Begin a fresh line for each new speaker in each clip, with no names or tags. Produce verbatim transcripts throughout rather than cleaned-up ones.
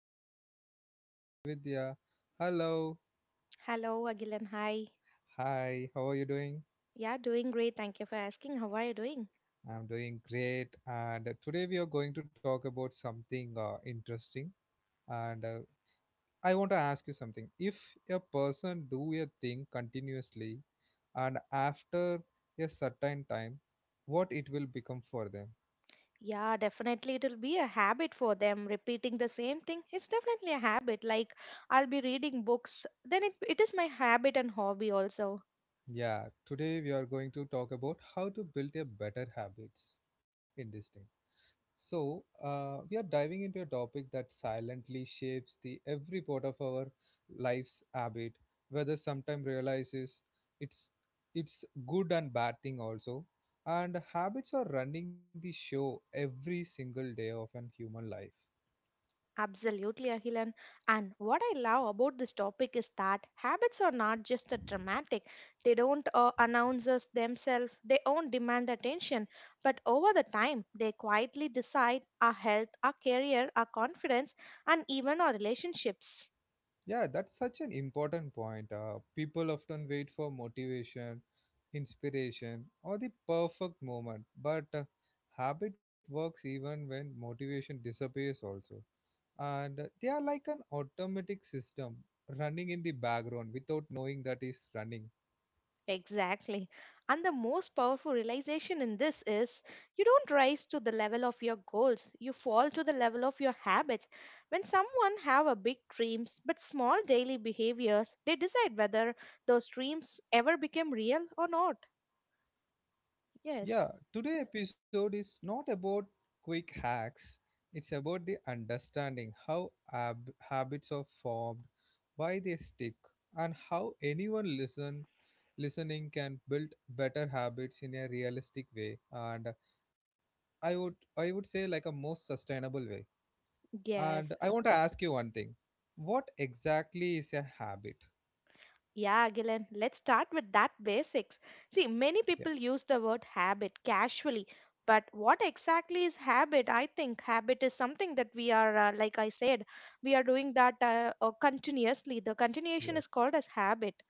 joining with me my co-host Vidya. Hello,
Hello, Agilan. Hi.
hi, how are you doing?
Yeah, doing great. Thank you for asking. How are you doing?
I'm doing great and today we are going to talk about something uh, interesting and uh, I want to ask you something. If a person do a thing continuously and after a certain time, what it will become for them?
Yeah, definitely it'll be a habit for them. Repeating the same thing is definitely a habit. Like I'll be reading books, then it it is my habit and hobby also.
Yeah, today we are going to talk about how to build a better habits in this thing. So, uh, we are diving into a topic that silently shapes the every part of our life's habit, whether sometime realizes it's it's good and bad thing also. And habits are running the show every single day of an human life.
Absolutely, Ahilan. And what I love about this topic is that habits are not just a dramatic. They don't uh, announce us themselves. They don't demand attention. But over the time, they quietly decide our health, our career, our confidence, and even our relationships.
Yeah, that's such an important point. Uh, people often wait for motivation, inspiration, or the perfect moment, but uh, habit works even when motivation disappears, also. And uh, They are like an automatic system running in the background without knowing that is running.
Exactly. And the most powerful realization in this is you don't rise to the level of your goals, you fall to the level of your habits. When someone have a big dreams but small daily behaviors, they decide whether those dreams ever became real or not. Yes.
Yeah, today episode is not about quick hacks. It's about the understanding how ab- habits are formed, why they stick, and how anyone listen listening can build better habits in a realistic way and I would I would say like a most sustainable way. And
Yes,
I want to ask you one thing. What exactly is a habit?
yeah, Gillen, let's start with that basics. See, many
Yeah,
people use the word habit casually, but what exactly is habit? I think habit is something that we are, uh, like I said, we are doing that uh, uh, continuously. The continuation
yeah.
is called as habit.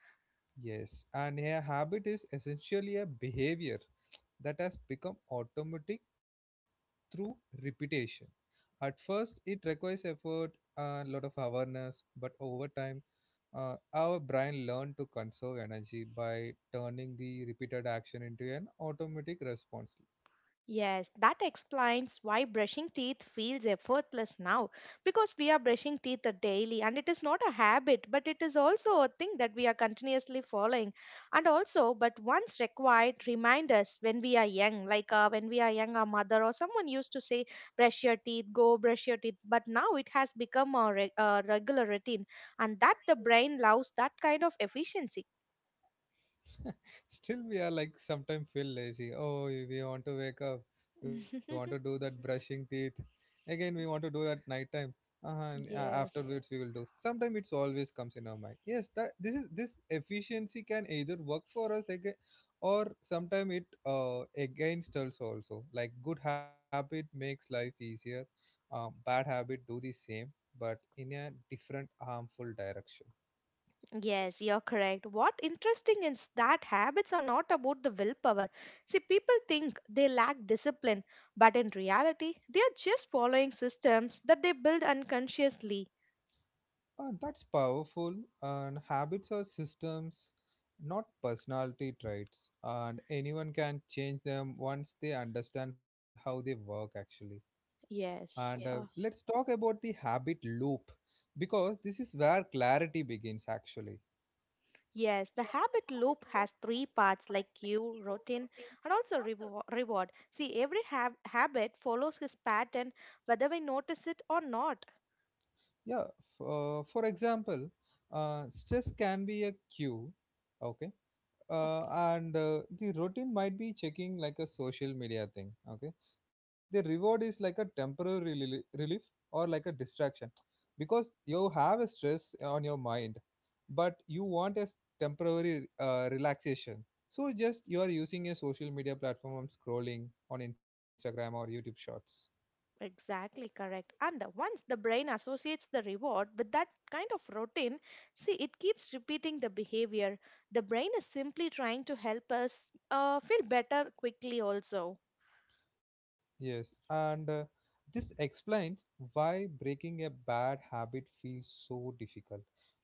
Yes, and a habit is essentially a behavior that has become automatic through repetition. At first, it requires effort and a lot of awareness, but over time, uh, our brain learns to conserve energy by turning the repeated action into an automatic response.
Yes, that explains why brushing teeth feels effortless now because we are brushing teeth a daily and it is not a habit but it is also a thing that we are continuously following and also but once required remind us when we are young like uh, when we are young our mother or someone used to say brush your teeth, go brush your teeth, but now it has become a, re- a regular routine, and that the brain loves that kind of efficiency.
Still, we are like sometimes feel lazy. Oh, we we want to wake up. We want to do that brushing teeth. Again, we want to do at night time. Uh and uh,
Yes.
Afterwards, we will do. Sometimes it's always comes in our mind. Yes, that this is this efficiency can either work for us again, or sometimes it uh, against us also. Like good habit makes life easier. Uh, bad habit do the same, but in a different harmful direction.
Yes, you're correct. What interesting is that habits are not about the willpower. See, people think they lack discipline, but in reality, they are just following systems that they build unconsciously.
Uh, that's powerful, and habits are systems, not personality traits, and anyone can change them once they understand how they work actually. And uh,
Yes. Uh,
Let's talk about the habit loop because this is where clarity begins actually.
yes, the habit loop has three parts like cue, routine, and also revo- reward. See, every hab- habit follows his pattern whether we notice it or not.
Yeah, f- uh, for example, uh, stress can be a cue, okay, uh, and uh, the routine might be checking like a social media thing, okay. The reward is like a temporary reli- relief or like a distraction because you have a stress on your mind but you want a s- temporary uh, relaxation, so just you are using a social media platform on scrolling on Instagram or YouTube Shorts.
Exactly correct. And once the brain associates the reward with that kind of routine, see, it keeps repeating the behavior. The brain is simply trying to help us uh, feel better quickly, also.
Yes, and uh, This explains why breaking a bad habit feels so difficult.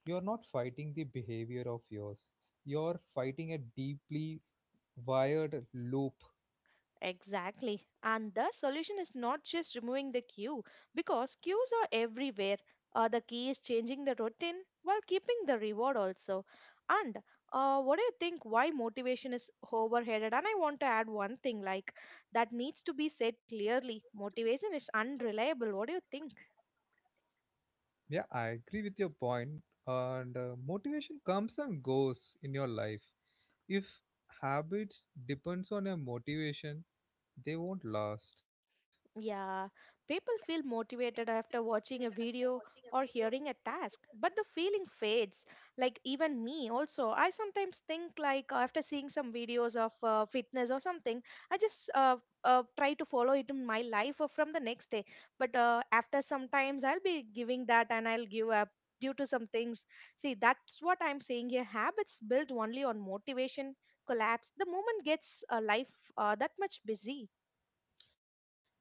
You're not fighting the behavior of yours, you're fighting a deeply wired loop.
Exactly. And the solution is not just removing the queue because queues are everywhere. Uh, the key is changing the routine while keeping the reward also. And uh, what do you think? Why motivation is overheaded? And I want to add one thing like that needs to be said clearly. Motivation is unreliable. What do you think?
Yeah, I agree with your point, point. And uh, motivation comes and goes in your life. If habits depends on your motivation, they won't last.
Yeah, people feel motivated after watching a video or hearing a task, but the feeling fades. Like even me also, I sometimes think like after seeing some videos of uh, fitness or something, I just uh, uh, try to follow it in my life or from the next day. But uh, after sometimes I'll be giving that and I'll give up due to some things. See, that's what I'm saying here. Habits built only on motivation collapse. The moment gets uh, life uh, that much busy.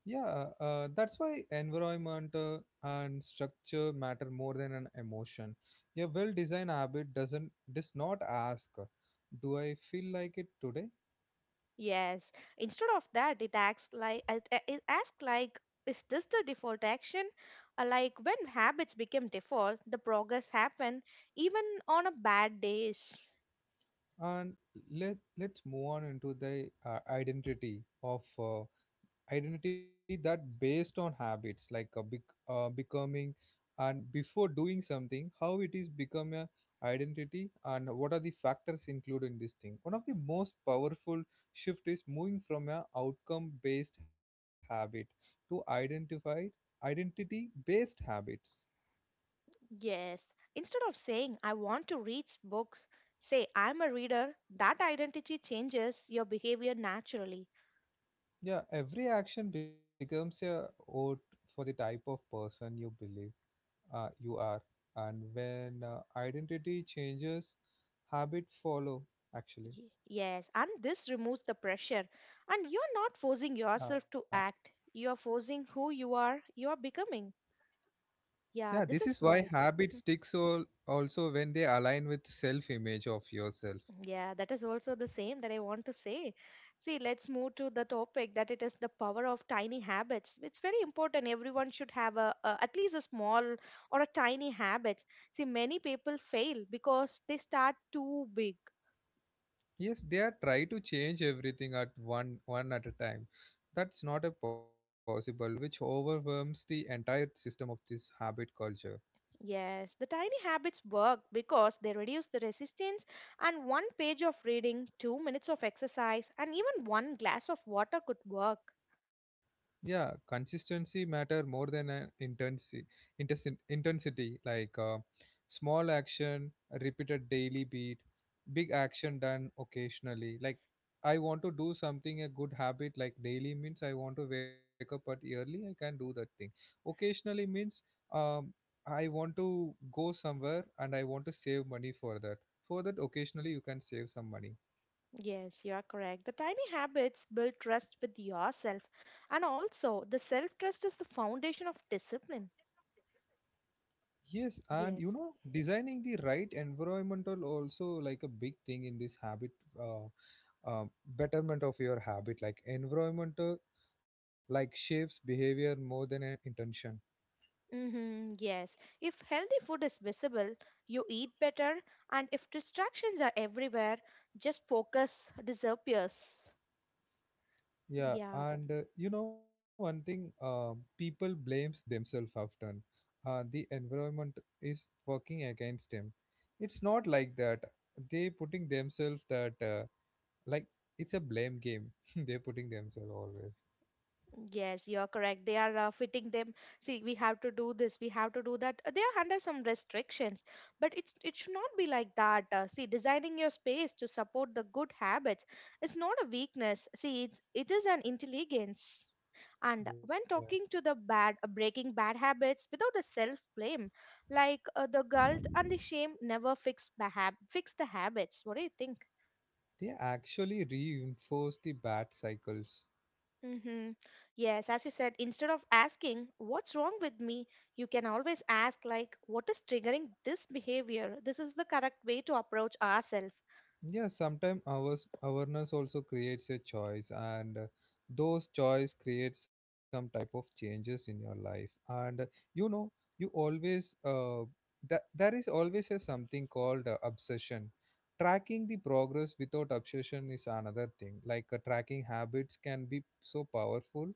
Yeah, uh, that's why environment uh, and structure matter more than an emotion. A well-designed habit doesn't does not ask, "Do I feel like it today?"
Yes. Instead of that, it acts like it a- it asks like, is this the default action? Uh, Like when habits become default, the progress happen even on a bad days.
And let let's move on into the uh, identity of uh, identity that based on habits like a big uh, becoming, and before doing something how it is become a identity and what are the factors included in this thing. One of the most powerful shift is moving from a outcome based habit to identified identity based habits.
Yes. Instead of saying I want to read books, say I'm a reader. That identity changes your behavior naturally.
Yeah, every action becomes a vote for the type of person you believe uh, you are. And when uh, identity changes, habit follow actually.
Y- Yes, and this removes the pressure. And you're not forcing
Uh,
yourself to act. You're forcing who you are. You're becoming.
yeah,
Yeah, this
this is
is
why
why.
habit
Mm-hmm.
sticks all, also when they align with self-image of yourself.
Yeah, that is also the same that I want to say. See, let's move to the topic that it is the power of tiny habits. It's very important. Everyone should have a, a at least a small or a tiny habit. See, many people fail because they start too big.
Yes, they are try to change everything at one one at a time. That's not a possible, which overwhelms the entire system of this habit culture.
Yes, the tiny habits work because they reduce the resistance, and one page of reading, two minutes of exercise, and even one glass of water could work.
Yeah, consistency matter more than an intensity. Intensi- intensity like uh, small action, repeated daily beat, big action done occasionally. Like I want to do something a good habit like daily means I want to wake up at early. I can do that thing. Occasionally means um I want to go somewhere and I want to save money for that. For that occasionally you can save some money.
Yes, you are correct. The tiny habits build trust with yourself, and also the self trust is the foundation of discipline.
Yes, and you
Yes.
know, designing the right environmental also like a big thing in this habit, uh, uh, betterment of your habit. Like environmental, like shapes behavior more than an intention.
Hmm, yes. If healthy food is visible, you eat better, and if distractions are everywhere, just focus disappears.
Yeah,
Yeah.
and uh, you know one thing, uh, people blames themselves often. Uh, the environment is working against them. It's not like that. They putting themselves that uh, like it's a blame game. They're putting themselves always.
Yes, you're correct. They are uh, fitting them. See, we have to do this, we have to do that. Uh, They are under some restrictions, but it's it should not be like that. Uh, see, designing your space to support the good habits is not a weakness. See, it's it is an intelligence. And
Yeah.
when talking to the bad, uh, breaking bad habits without a self blame, like uh, the guilt and the shame never fix the hab- fix the habits. What do you think?
They actually reinforce the bad cycles.
Mm-hmm. Yes, as you said, instead of asking, what's wrong with me, you can always ask, like, what is triggering this behavior? This is the correct way to approach ourselves.
Yeah, sometimes ours awareness also creates a choice, and uh, those choice create some type of changes in your life. And uh, you know, you always uh, that there is always a something called uh, obsession. Tracking the progress without obsession is another thing. Like uh, tracking habits can be so powerful,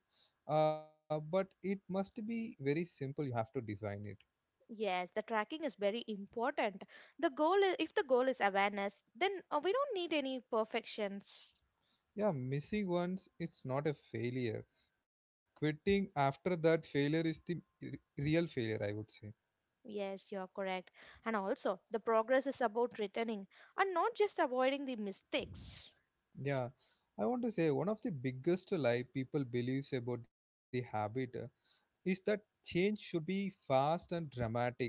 uh, but it must be very simple. You have to define it.
Yes, the tracking is very important. The goal is, if the goal is awareness, then uh, we don't need any perfections.
Yeah, missing once it's not a failure. Quitting after that failure is the r- real failure, I would say.
Yes, you're correct. And also, the progress is about returning and not just avoiding the mistakes.
Yeah, I want to say one of the biggest lie people believes about the habit. Uh, is that change should be fast and dramatic,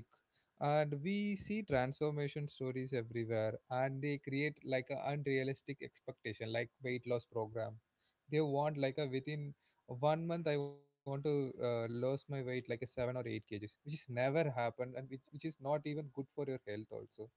and we see transformation stories everywhere and they create like an unrealistic expectation like weight loss program. They want like a within one month I want to uh, lose my weight like a seven or eight kgs, which is never happened and which, which is not even good for your health also.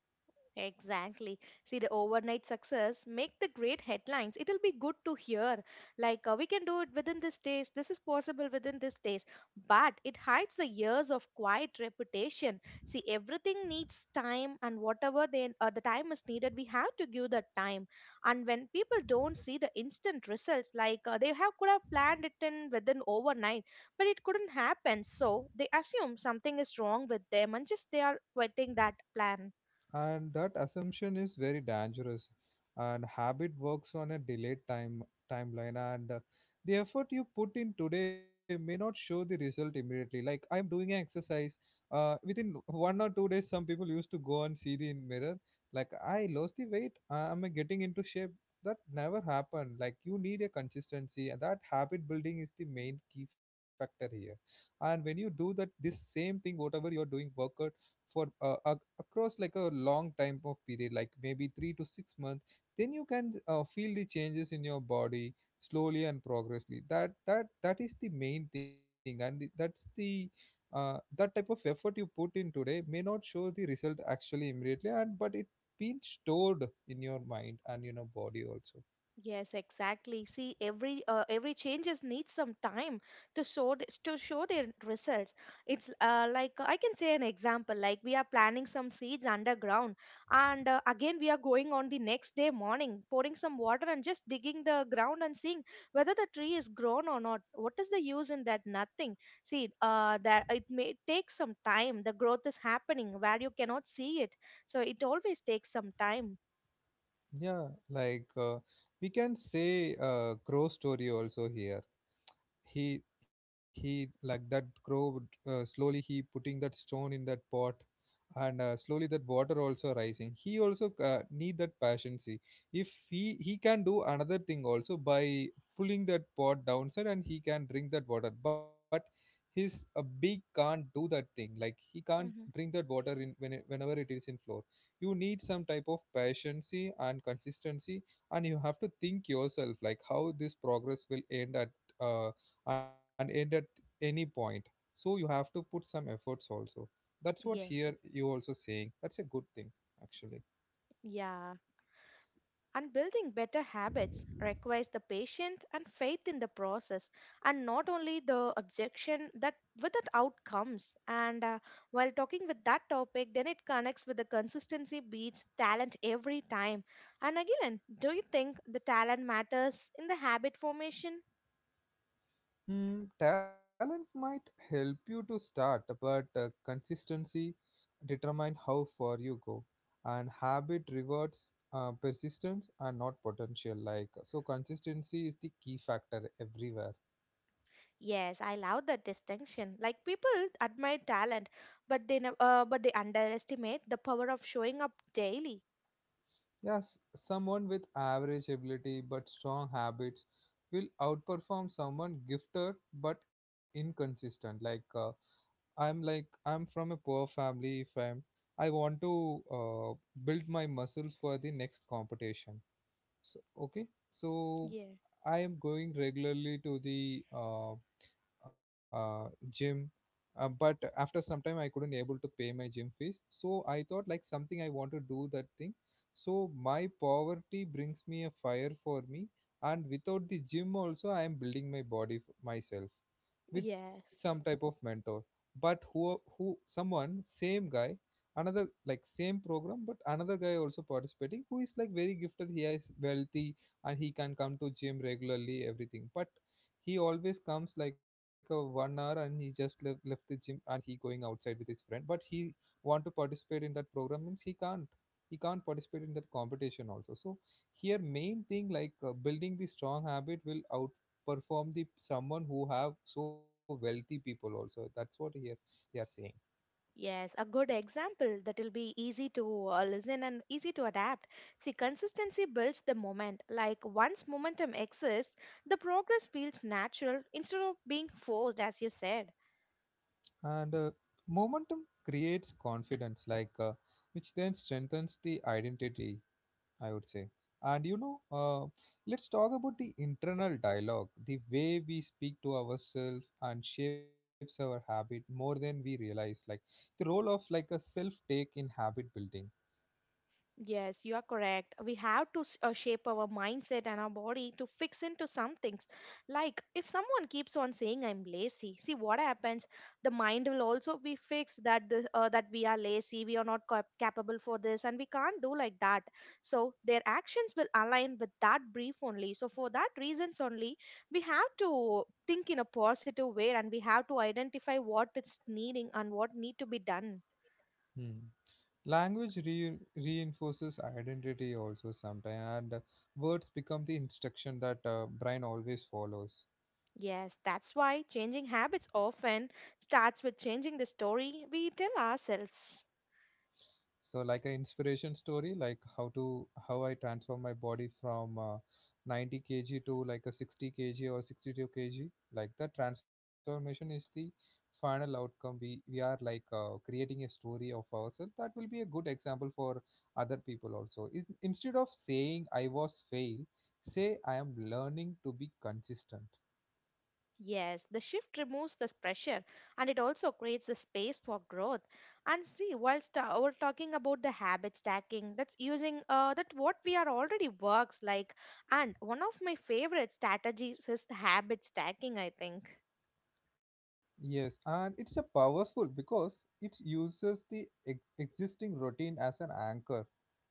Exactly. See, the overnight success make the great headlines. It'll be good to hear. Like, uh, we can do it within this days. This is possible within this days. But it hides the years of quiet reputation. See, everything needs time, and whatever they, uh, the time is needed, we have to give that time. And when people don't see the instant results, like uh, they have could have planned it in within overnight, but it couldn't happen. So they assume something is wrong with them, and just they are quitting that plan.
And that assumption is very dangerous, and habit works on a delayed time timeline, and uh, the effort you put in today may not show the result immediately. Like I am doing an exercise uh, within one or two days, some people used to go and see the mirror like I lost the weight, uh, I'm getting into shape. That never happened. Like you need a consistency and that habit building is the main key factor here. And when you do that this same thing, whatever you are doing workout for uh, a, across like a long time of period like maybe three to six months, then you can uh, feel the changes in your body slowly and progressively. That that that is the main thing and the- that's the uh, that type of effort you put in today may not show the result actually immediately, and but it been stored in your mind and in your body also.
Yes, exactly. See, every uh, every changes needs some time to show th- to show their results. It's uh, like I can say an example. Like we are planting some seeds underground, and uh, again we are going on the next day morning, pouring some water and just digging the ground and seeing whether the tree is grown or not. What is the use in that? Nothing. See, uh, that it may take some time. The growth is happening where you cannot see it, so it always takes some time.
Yeah, like uh, we can say uh, crow story also here. He he like that grow uh, slowly he putting that stone in that pot, and uh, slowly that water also rising. He also uh, need that passion. See, if he he can do another thing also by pulling that pot downside and he can drink that water, but his a beak can't do that thing. Like he can't
Hmm.
drink that water in when it, whenever it is in floor. You need some type of patience and consistency, and you have to think yourself like how this progress will end at uh, and end at any point. So you have to put some efforts also. That's what here
Yes.
you also saying. That's a good thing actually.
Yeah. And building better habits requires the patience and faith in the process, and not only the objection that with that outcomes. And uh, while talking with that topic, then it connects with the consistency beats talent every time. And again, do you think the talent matters in the habit formation?
Hmm, talent might help you to start, but uh, consistency determine how far you go. And habit rewards uh, persistence and not potential. Like uh, so, consistency is the key factor everywhere.
Yes, I love that distinction. Like people admire talent, but they nev- uh, but they underestimate the power of showing up daily.
Yes, someone with average ability but strong habits will outperform someone gifted but inconsistent. Like. Uh, I'm like I'm from a poor family. If I'm I want to uh, build my muscles for the next competition. So okay, so
Yeah.
I am going regularly to the uh, uh, gym, uh, but after some time I couldn't able to pay my gym fees. So I thought like something I want to do that thing. So my poverty brings me a fire for me, and without the gym also I am building my body f- myself with some type of
Yes.
mentor but who who someone same guy, another like same program but another guy also participating who is like very gifted. He is wealthy, and he can come to gym regularly everything, but he always comes like a one hour and he just left, left the gym and he going outside with his friend, but he want to participate in that program means he can't he can't participate in that competition also. So here main thing like uh, building the strong habit will perform the someone who have so wealthy people also. That's what here they are saying.
Yes, a good example that will be easy to uh, listen and easy to adapt. See, consistency builds the moment. Like once momentum exists, the progress feels natural instead of being forced, as you said.
And uh, momentum creates confidence, like uh, which then strengthens the identity, I would say. And you know uh, let's talk about the internal dialogue, the way we speak to ourselves and shapes our habit more than we realize, like the role of like a self take in habit building.
Yes, you are correct. We have to s- uh, shape our mindset and our body to fix into some things. Like if someone keeps on saying I'm lazy, see what happens. The mind will also be fixed that the, uh, that we are lazy, we are not cap- capable for this, and we can't do like that. So their actions will align with that brief only. So for that reasons only, we have to think in a positive way, and we have to identify what is needing and what need to be done.
Hmm. Language re- reinforces identity also sometimes, and words become the instruction that uh, brain always follows.
Yes, that's why changing habits often starts with changing the story we tell ourselves.
So like an inspiration story, like how to how I transform my body from uh, ninety kilograms to like a sixty kilograms or sixty-two kilograms. Like the transformation is the final outcome. We we are like uh, creating a story of ourselves that will be a good example for other people also. In, instead of saying I was fail, say I am learning to be consistent.
Yes, the shift removes this pressure and it also creates the space for growth. And see, while sta we're talking about the habit stacking, that's using uh, that what we are already works like. And one of my favorite strategies is the habit stacking, I think.
Yes, and it's a powerful because it uses the ex- existing routine as an anchor.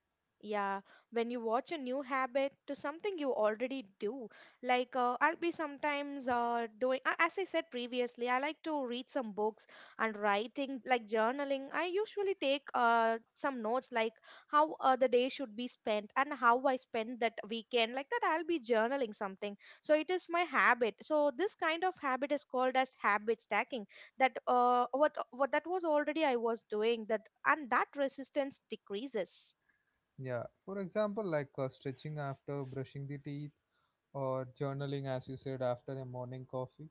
Yeah, when you watch a new habit to something you already do, like uh, I'll be sometimes uh, doing, a- as I said previously, I like to read some books and writing, like journaling. I usually take uh, some notes, like how uh, the day should be spent and how I spend that weekend. Like that, I'll be journaling something. So it is my habit. So this kind of habit is called as habit stacking. That uh, what what that was already I was doing that, and that resistance decreases.
Yeah, for example, like uh, stretching after brushing the teeth or journaling, as you said, after a morning coffee.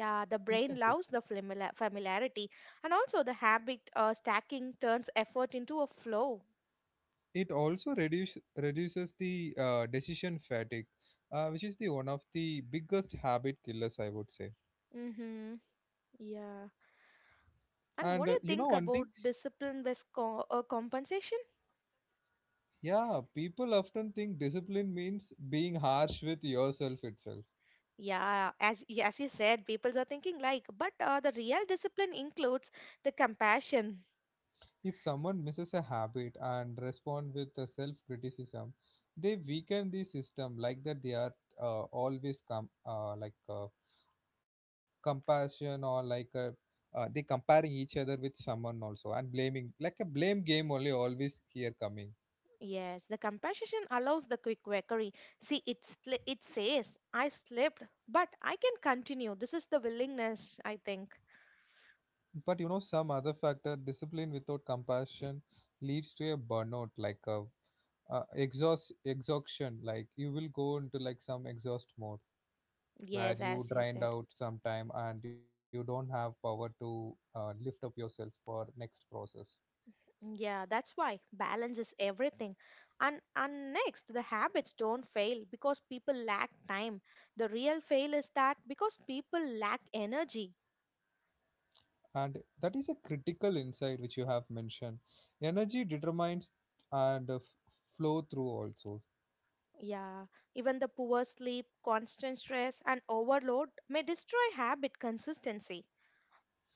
This is a
the
good thing.
brain loves the familiar- familiarity, and also the habit uh, stacking turns effort into a flow.
It also reduce, reduces the uh, decision fatigue, uh, which is the one of the biggest habit killers, I would say.
Mm-hmm. Yeah.
And uh,
And what do
you
you
know one
think
thing,
about discipline-based co- uh, compensation?
yeah, people often think discipline means being harsh with yourself itself.
Yeah, as y- as you said, people are thinking like, but uh, the real discipline includes the compassion.
If someone misses a habit and respond with self criticism, they weaken the system, like that they are uh, always com- uh, like uh, compassion or like uh, uh, they comparing each other with someone also and blaming like a blame game only always here coming.
Yes, the compassion allows the quick recovery. See, it sli- it says, I slipped, but I can continue. This is the willingness, I think.
But you know some other factor, discipline without compassion leads to a burnout, like a uh, exhaust exhaustion, like you will go into like some exhaust mode where
Yes,
you
as you
drained
said.
out sometime and you don't have power to uh, lift up yourself for next process.
Yeah, that's why balance is everything. And and next, the habits don't fail because people lack time. The real fail is that because people lack energy.
And that is a critical insight which you have mentioned. Energy determines, and uh, f- flow through also.
Yeah, even the poor sleep, constant stress, and overload may destroy habit consistency.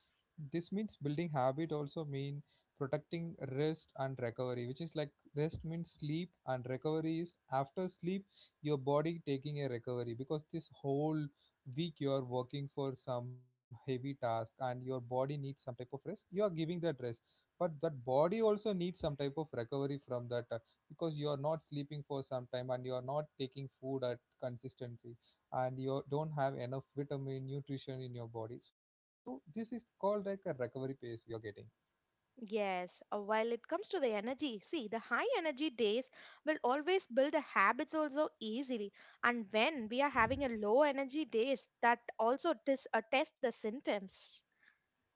This means building habit also mean protecting rest and recovery, which is like rest means sleep and recovery is after sleep. Your body taking a recovery because this whole week you are working for some heavy task and your body needs some type of rest. You are giving that rest, but that body also needs some type of recovery from that, uh, because you are not sleeping for some time and you are not taking food at consistency, and you don't have enough vitamin nutrition in your body. So this is called like a recovery phase we are getting.
Yes, uh, while it comes to the energy, see, the high energy days will always build the habits also easily. And when we are having a low energy days, that also dis- uh, test the symptoms.
Yeah,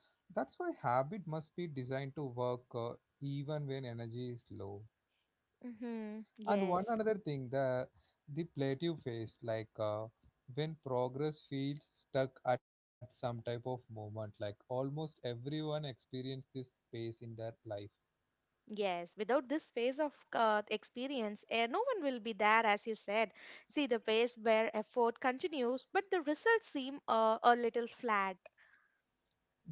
that's why habit must be designed to work uh, even when energy is low.
Mm-hmm.
And one
Yes.
another thing, the the plateau phase, like uh, when progress feels stuck at some type of moment, like almost everyone experience this phase in their life.
Yes. Without this phase of uh, experience, eh, no one will be there, as you said. See, the phase where effort continues, but the results seem uh, a little flat.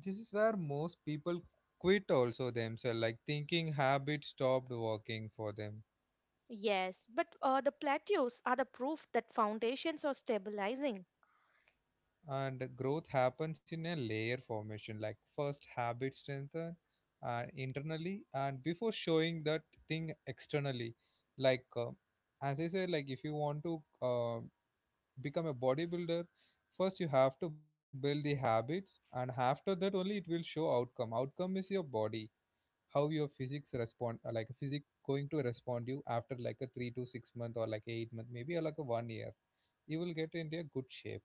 This is where most people quit also themselves, like thinking habit stopped working for them.
Yes. But uh, the plateaus are the proof that foundations are stabilizing.
And growth happens in a layer formation, like first habit strengthen uh, internally and before showing that thing externally. Like uh, as I said, like if you want to uh, become a bodybuilder, first you have to build the habits, and after that only it will show outcome. Outcome is your body, how your physics respond, uh, like physics going to respond you after like a three to six month or like eight month maybe or like a one year. You will get into a good shape.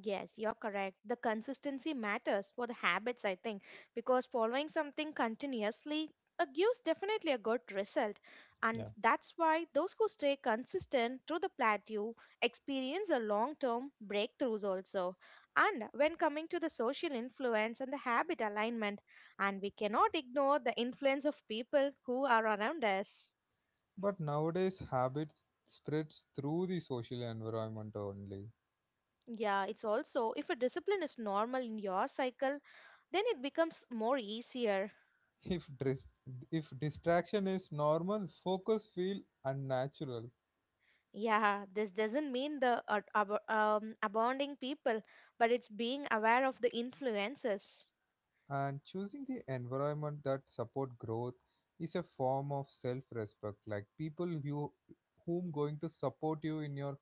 Yes, you're correct. The consistency matters for the habits, I think, because following something continuously uh, gives definitely a good result. And that's why those who stay consistent through the plateau experience a long term breakthroughs also. And when coming to the social influence and the habit alignment, and we cannot ignore the influence of people who are around us.
But nowadays, habits spreads through the social environment only.
Yeah, it's also if a discipline is normal in your cycle, then it becomes more easier.
If dis- if distraction is normal, focus feel unnatural.
Yeah, this doesn't mean the uh, ab- um, abounding people, but it's being aware of the influences.
And choosing the environment that support growth is a form of self-respect. Like people you whom going to support you in your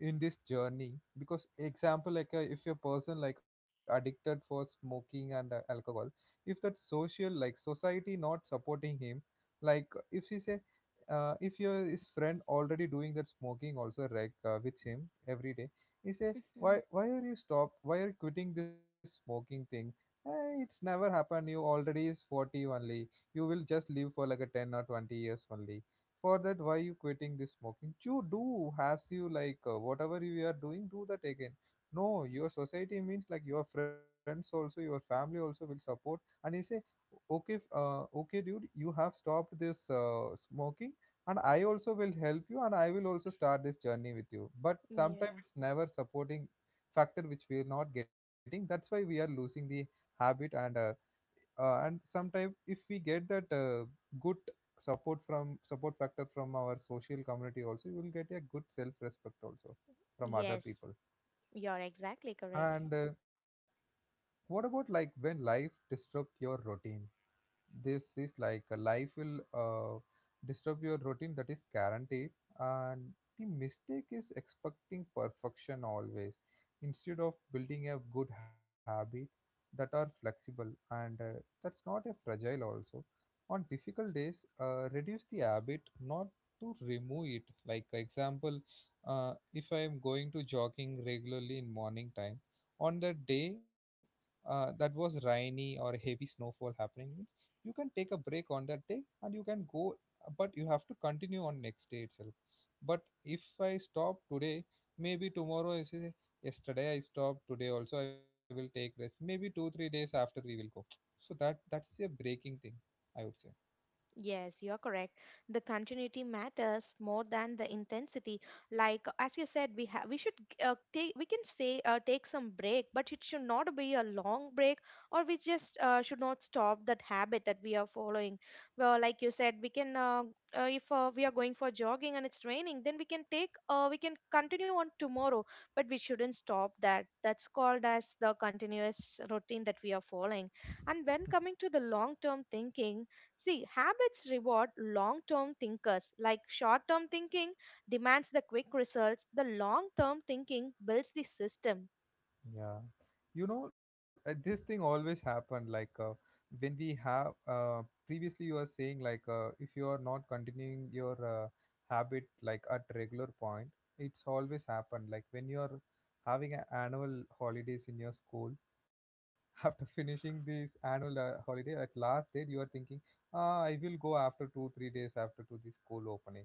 in this journey. Because example, like uh, if a person like addicted for smoking and uh, alcohol, if that social, like society, not supporting him, like if she say, uh, if your his friend already doing that smoking also, like uh, with him every day, he say, why
Mhm.
why are you stop, why are you quitting this smoking thing? Eh, it's never happened, you already is forty only, you will just live for like a ten or twenty years only, for that why you quitting this smoking? You do has you like, uh, whatever you are doing, do that again. No, your society means like your friends also, your family also will support, and they say, okay, f- uh, okay dude, you have stopped this uh, smoking, and I also will help you, and I will also start this journey with you, but sometimes
Yeah.
it's never supporting factor which we are not getting. That's why we are losing the habit, and uh, uh, and sometimes if we get that uh, good support from support factor from our social community also, we will get a good self respect also from other
Yes,
people.
you're exactly correct.
And uh, what about like when life disrupt your routine? This is like uh, life will uh, disturb your routine, that is guaranteed. And the mistake is expecting perfection always instead of building a good habit that are flexible and uh, that's not a fragile also. On difficult days, uh, reduce the habit, not to remove it, like example, uh, if I am going to jogging regularly in morning time, on that day uh, that was rainy or heavy snowfall happening, you can take a break on that day and you can go, but you have to continue on next day itself. But if I stop today, maybe tomorrow I say, yesterday I stopped, today also I will take rest, maybe two, three days after we will go. So that that's a breaking thing, I would say.
Yes, you're correct. The continuity matters more than the intensity. Like as you said, we have we should uh, take, we can say uh, take some break, but it should not be a long break, or we just uh, should not stop that habit that we are following. Well, like you said, we can uh, uh, if uh, we are going for jogging and it's raining, then we can take uh, we can continue on tomorrow, but we shouldn't stop that. That's called as the continuous routine that we are following. And when coming to the long term thinking. See, habits reward long term thinkers. Like short term thinking demands the quick results, the long term thinking builds the system.
Yeah. You know, uh, this thing always happened, like uh, when we have, uh, previously you were saying, like uh, if you are not continuing your uh, habit like at regular point, it's always happened like when you are having a annual holidays in your school, after finishing this annual uh, holiday, at last date you are thinking, ah, I will go after two, three days after to the school opening.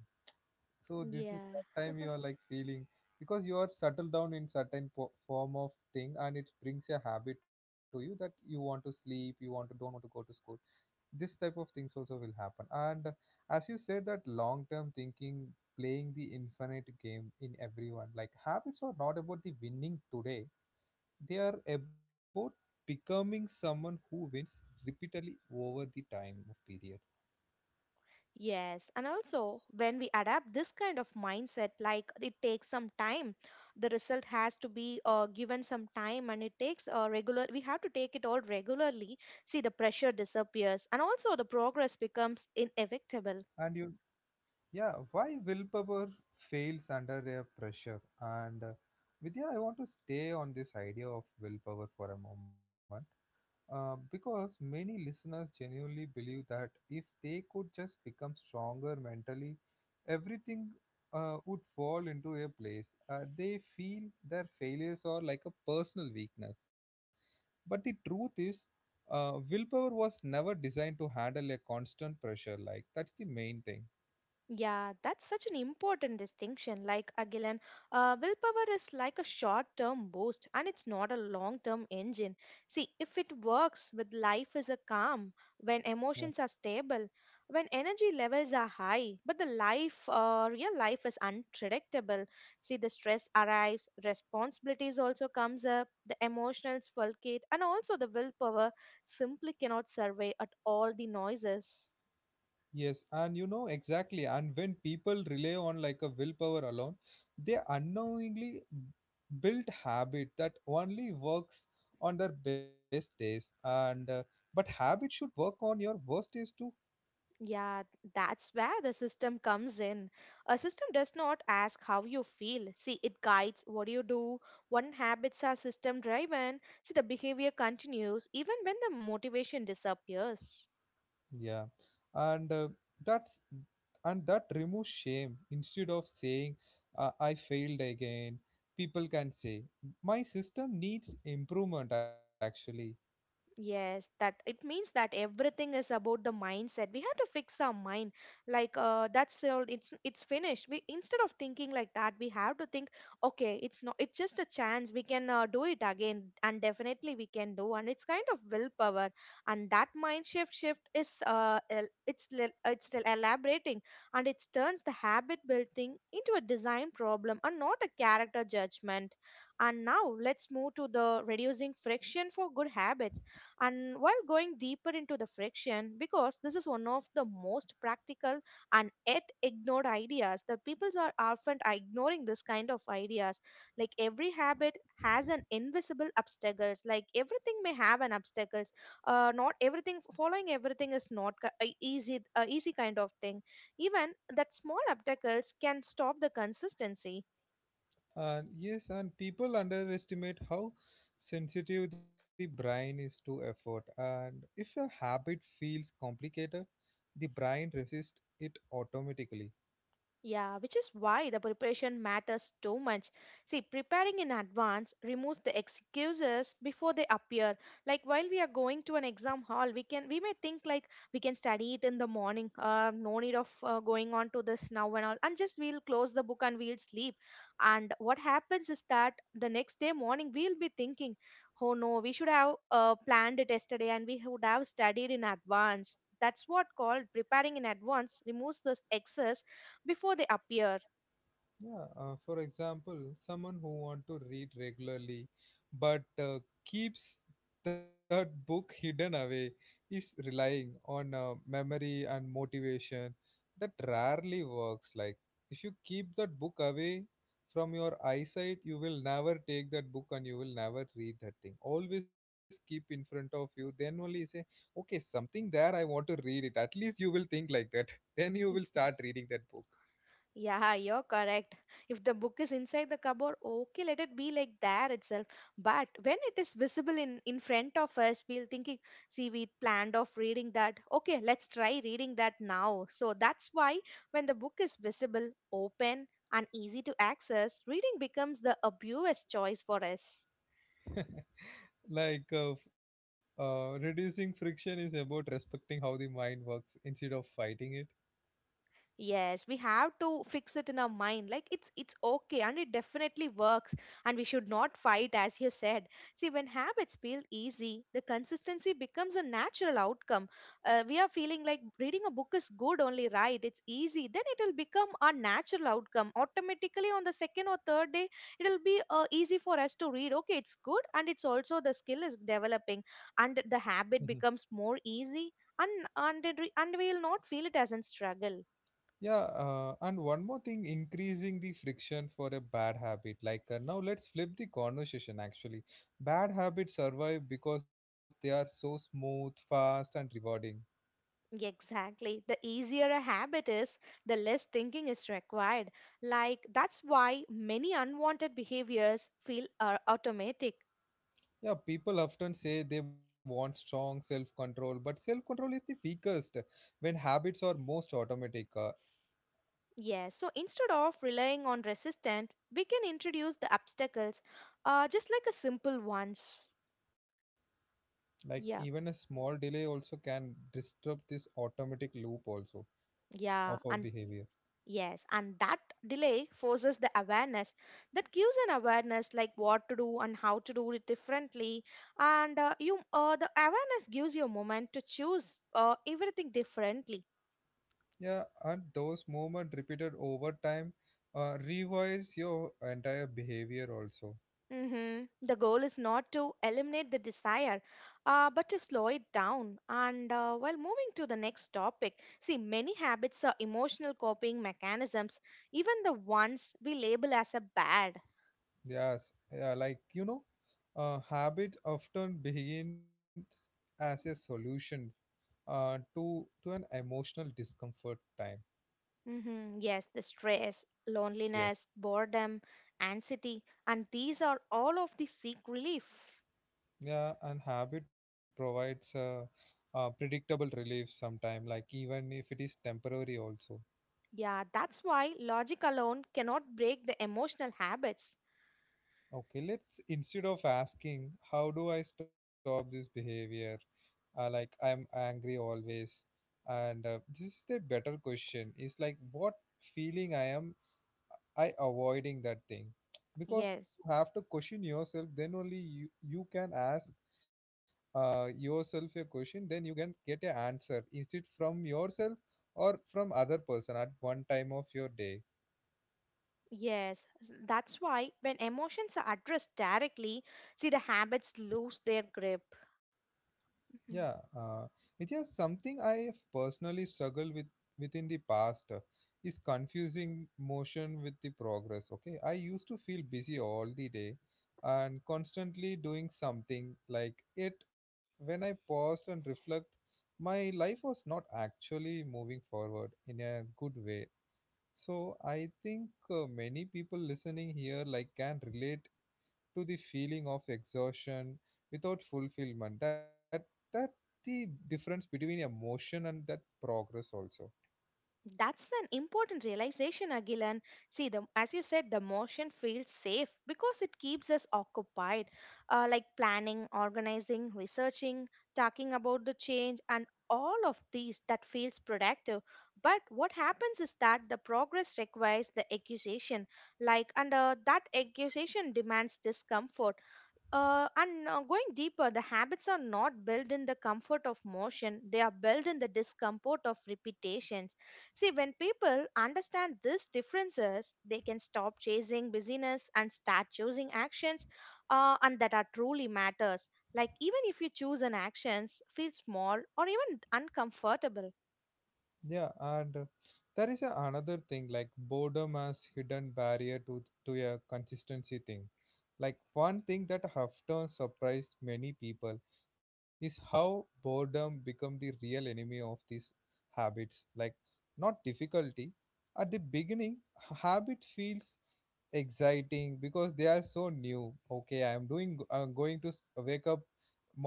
So this is
Yeah.
that time you are like feeling, because you are settled down in certain po- form of thing, and it brings a habit to you that you want to sleep, you want to, don't want to go to school. This type of things also will happen. And uh, as you said, that long term thinking, playing the infinite game in everyone, like habits are not about the winning today. They are about becoming someone who wins repeatedly over the time of period.
Yes, and also when we adapt this kind of mindset, like it takes some time, the result has to be uh, given some time, and it takes a regular. We have to take it all regularly. See, the pressure disappears, and also the progress becomes inevitable.
And you Yeah, why willpower fails under a pressure? And uh, Vidya, I want to stay on this idea of willpower for a moment, uh, because many listeners genuinely believe that if they could just become stronger mentally, everything uh, would fall into a place. Uh, they feel their failures are like a personal weakness. But the truth is, uh, willpower was never designed to handle a constant pressure. Like, that's the main thing.
Yeah, that's such an important distinction. Like Agilan, uh, willpower is like a short term boost and it's not a long term engine. See, if it works with life is a calm, when emotions are stable, when energy levels are high, but the life, uh, real life is unpredictable. See, the stress arrives, responsibilities also comes up, the emotions fulcate, and also the willpower simply cannot survey at all the noises.
Yes, and you know exactly. And when people rely on like a willpower alone, they unknowingly build habit that only works on their best days. And uh, but habit should work on your worst days too.
Yeah, that's where the system comes in. A system does not ask how you feel. See, it guides what you do. When habits are system driven, see, the behavior continues even when the motivation disappears.
Yeah, and uh, that's and that removes shame. Instead of saying, uh, I failed again, people can say my system needs improvement. Actually,
Yes, that it means that everything is about the mindset. We have to fix our mind. Like uh, that's all. It's it's finished. We, instead of thinking like that, we have to think. Okay, it's not. It's just a chance. We can uh, do it again, and definitely we can do. And it's kind of willpower, and that mind shift shift is uh el- it's lel- it's still elaborating, and it turns the habit building into a design problem and not a character judgment. And now let's move to the reducing friction for good habits and while going deeper into the friction, because this is one of the most practical and yet ignored ideas, the people are often ignoring this kind of ideas. Like every habit has an invisible obstacles. Like everything may have an obstacles. Uh, not everything following everything is not ki- a easy, uh, easy kind of thing. Even that small obstacles can stop the consistency.
and yes, and people underestimate how sensitive the brain is to effort. And if a habit feels complicated, the brain resists it automatically.
Yeah, which is why the preparation matters so much. See, preparing in advance removes the excuses before they appear. Like while we are going to an exam hall, we can we may think like we can study it in the morning. Uh, no need of uh, going on to this now and all, and just we'll close the book and we'll sleep. And what happens is that the next day morning we'll be thinking, oh no, we should have uh, planned it yesterday and we would have studied in advance. That's what called preparing in advance removes this excess before they appear.
Yeah, uh, for example, someone who want to read regularly but uh, keeps that book hidden away is relying on uh, memory and motivation that rarely works. Like if you keep that book away from your eyesight, you will never take that book and you will never read that thing. Always keep in front of you. Then only you say, okay, something there I want to read it. At least you will think like that. Then you will
Y-
start reading that book.
Yeah, you're correct. If the book is inside the cupboard, okay, let it be like that itself. But when it is visible in in front of us, we'll thinking, see, we planned of reading that. Okay, let's try reading that now. So that's why when the book is visible, open, and easy to access, reading becomes the obvious choice for us.
Like uh, f- uh, reducing friction is about respecting how the mind works instead of fighting it.
Yes, we have to fix it in our mind. Like it's it's okay and it definitely works, and we should not fight as you said. See, when habits feel easy, the consistency becomes a natural outcome. Uh, we are feeling like reading a book is good only, right? It's easy. Then it will become our natural outcome. Automatically on the second or third day, it'll be uh, easy for us to read. Okay, it's good and it's also the skill is developing and the
Mhm.
habit becomes more easy and and, it re- and we will not feel it as a struggle.
Yeah, uh, and one more thing, increasing the friction for a bad habit, like uh, now let's flip the conversation actually, bad habits survive because they are so smooth, fast, and rewarding.
Exactly. The easier a habit is, the less thinking is required. Like, that's why many unwanted behaviors feel are automatic.
Yeah, people often say they want strong self control, but self control is the weakest when habits are most automatic. Uh,
Yeah, so instead of relying on resistance, we can introduce the obstacles uh, just like a simple ones.
like even a
Yeah,
small delay also can disrupt this automatic loop also of
yeah.
our
And
behavior.
Yes, and that delay forces the awareness that gives an awareness like what to do and how to do it differently. And uh, you, uh, the awareness gives you a moment to choose uh, everything differently.
Yeah, and those movement repeated over time uh, revise your entire behavior also.
Hmm. The goal is not to eliminate the desire, uh, but to slow it down. And uh, while moving to the next topic, see, many habits are emotional coping mechanisms, even the ones we label as a bad.
Yes, yeah, like you know uh, habit often begins as a solution, uh, to to an emotional discomfort time.
Hmm. Yes, the stress,
Yes,
loneliness, boredom, anxiety, and these are all of the seek relief.
yeah, and habit provides a, a predictable relief sometime, like even if it is temporary also.
Yeah, that's why logic alone cannot break the emotional habits.
Okay, let's, instead of asking how do I stop this behavior, uh, like I'm angry always, and uh, this is the better question. Is like what feeling I am, I avoiding that thing, because
Yes,
you have to question yourself. Then only you you can ask uh, yourself a question. Then you can get a answer instead from yourself or from other person at one time of your day.
yes, s- that's why when emotions are addressed directly, see the habits lose their grip.
Yeah,
Mm-hmm.
uh, Vidya, something I have personally struggled with within the past uh, is confusing motion with the progress. Okay, I used to feel busy all the day and constantly doing something like it. When I paused and reflect, my life was not actually moving forward in a good way. So I think uh, many people listening here like can relate to the feeling of exhaustion without fulfillment that that the difference between emotion and that progress also.
That's an important realization, Agilan. See, the, as you said, the motion feels safe because it keeps us occupied, uh, like planning, organizing, researching, talking about the change, and all of these that feels productive. But what happens is that the progress requires the accusation, like, and uh, that accusation demands discomfort. Uh, and uh, going deeper, the habits are not built in the comfort of motion, they are built in the discomfort of repetitions. See, when people understand these differences, they can stop chasing busyness and start choosing actions uh, and that are truly matters. Like even if you choose an actions, feel small or even uncomfortable.
Yeah, and uh, there is a another thing like boredom as hidden barrier to to a consistency thing, like one thing that often surprised many people is how boredom become the real enemy of these habits, like not difficulty at the beginning. H- habit feels exciting because they are so new. Okay, I am doing uh, going to s- wake up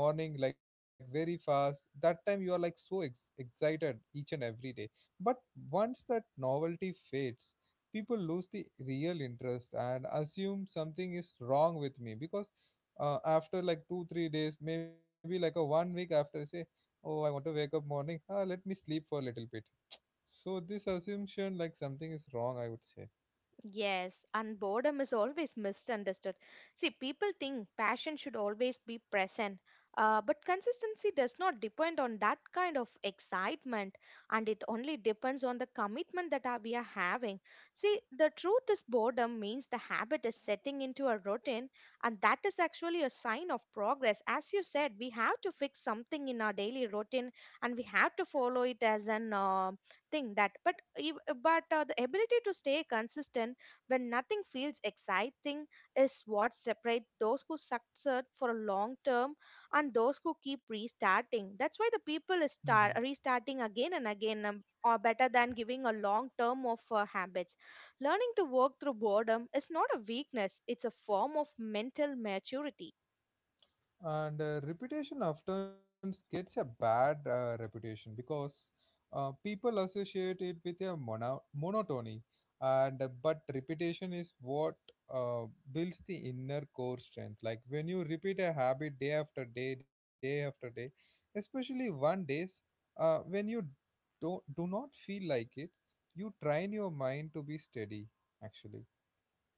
morning like very fast. That time you are like so ex- excited each and every day. But once that novelty fades, people lose the real interest and assume something is wrong with me, because uh, after like two three days, maybe like a one week after, say, oh, I want to wake up morning. Ah, let me sleep for a little bit. So this assumption, like something is wrong, I would say.
Yes, and boredom is always misunderstood. See, people think passion should always be present, uh, but consistency does not depend on that kind of excitement, and it only depends on the commitment that are- we are having. See, the truth is, boredom means the habit is setting into a routine, and that is actually a sign of progress. As you said, we have to fix something in our daily routine, and we have to follow it as an um thing that but ev- but uh, the ability to stay consistent when nothing feels exciting is what separates those who succeed for a long term and those who keep restarting. That's why the people is
Mm-hmm.
start restarting again and again, um, or better than giving a long term of uh, habits. Learning to work through boredom is not a weakness, it's a form of mental maturity.
And uh, reputation often gets a bad uh, reputation because uh, people associate it with a mono- monotony. And uh, but repetition is what uh, builds the inner core strength. Like when you repeat a habit day after day, day after day, especially one days, uh, when you do, do not feel like it, you train your mind to be steady. Actually.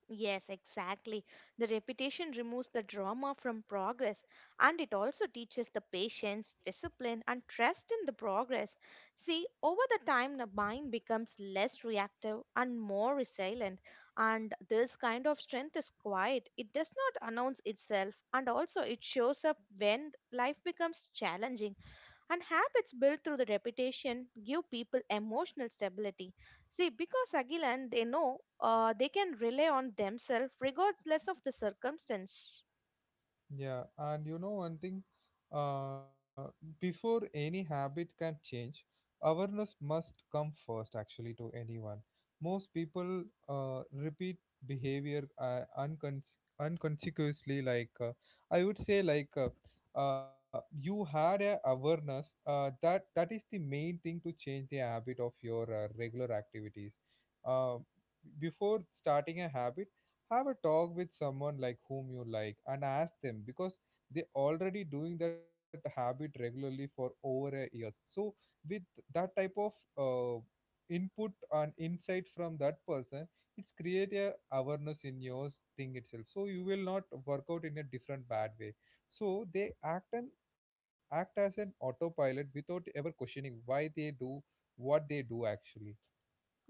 Yes, exactly. The repetition removes the drama from progress and it also teaches the patience, discipline, and trust in the progress. See, over the time, the mind becomes less reactive and more resilient. And this kind of strength is quiet, it does not announce itself, and also it shows up when life becomes challenging. And habits built through the repetition give people emotional stability. See, because Agilan, they know uh, they can rely on themselves regardless of the circumstance.
Yeah, and you know one thing, uh, before any habit can change, awareness must come first actually to anyone. Most people uh, repeat behavior uh, uncon- unconsciously, like uh, I would say, like uh, uh, you had a awareness uh, that that is the main thing to change the habit of your uh, regular activities. Uh, Before starting a habit, have a talk with someone like whom you like and ask them because they already doing that habit regularly for over a years. So with that type of uh, input and insight from that person, it's create a awareness in your thing itself, so you will not work out in a different bad way. So they act and act as an autopilot without ever questioning why they do what they do actually.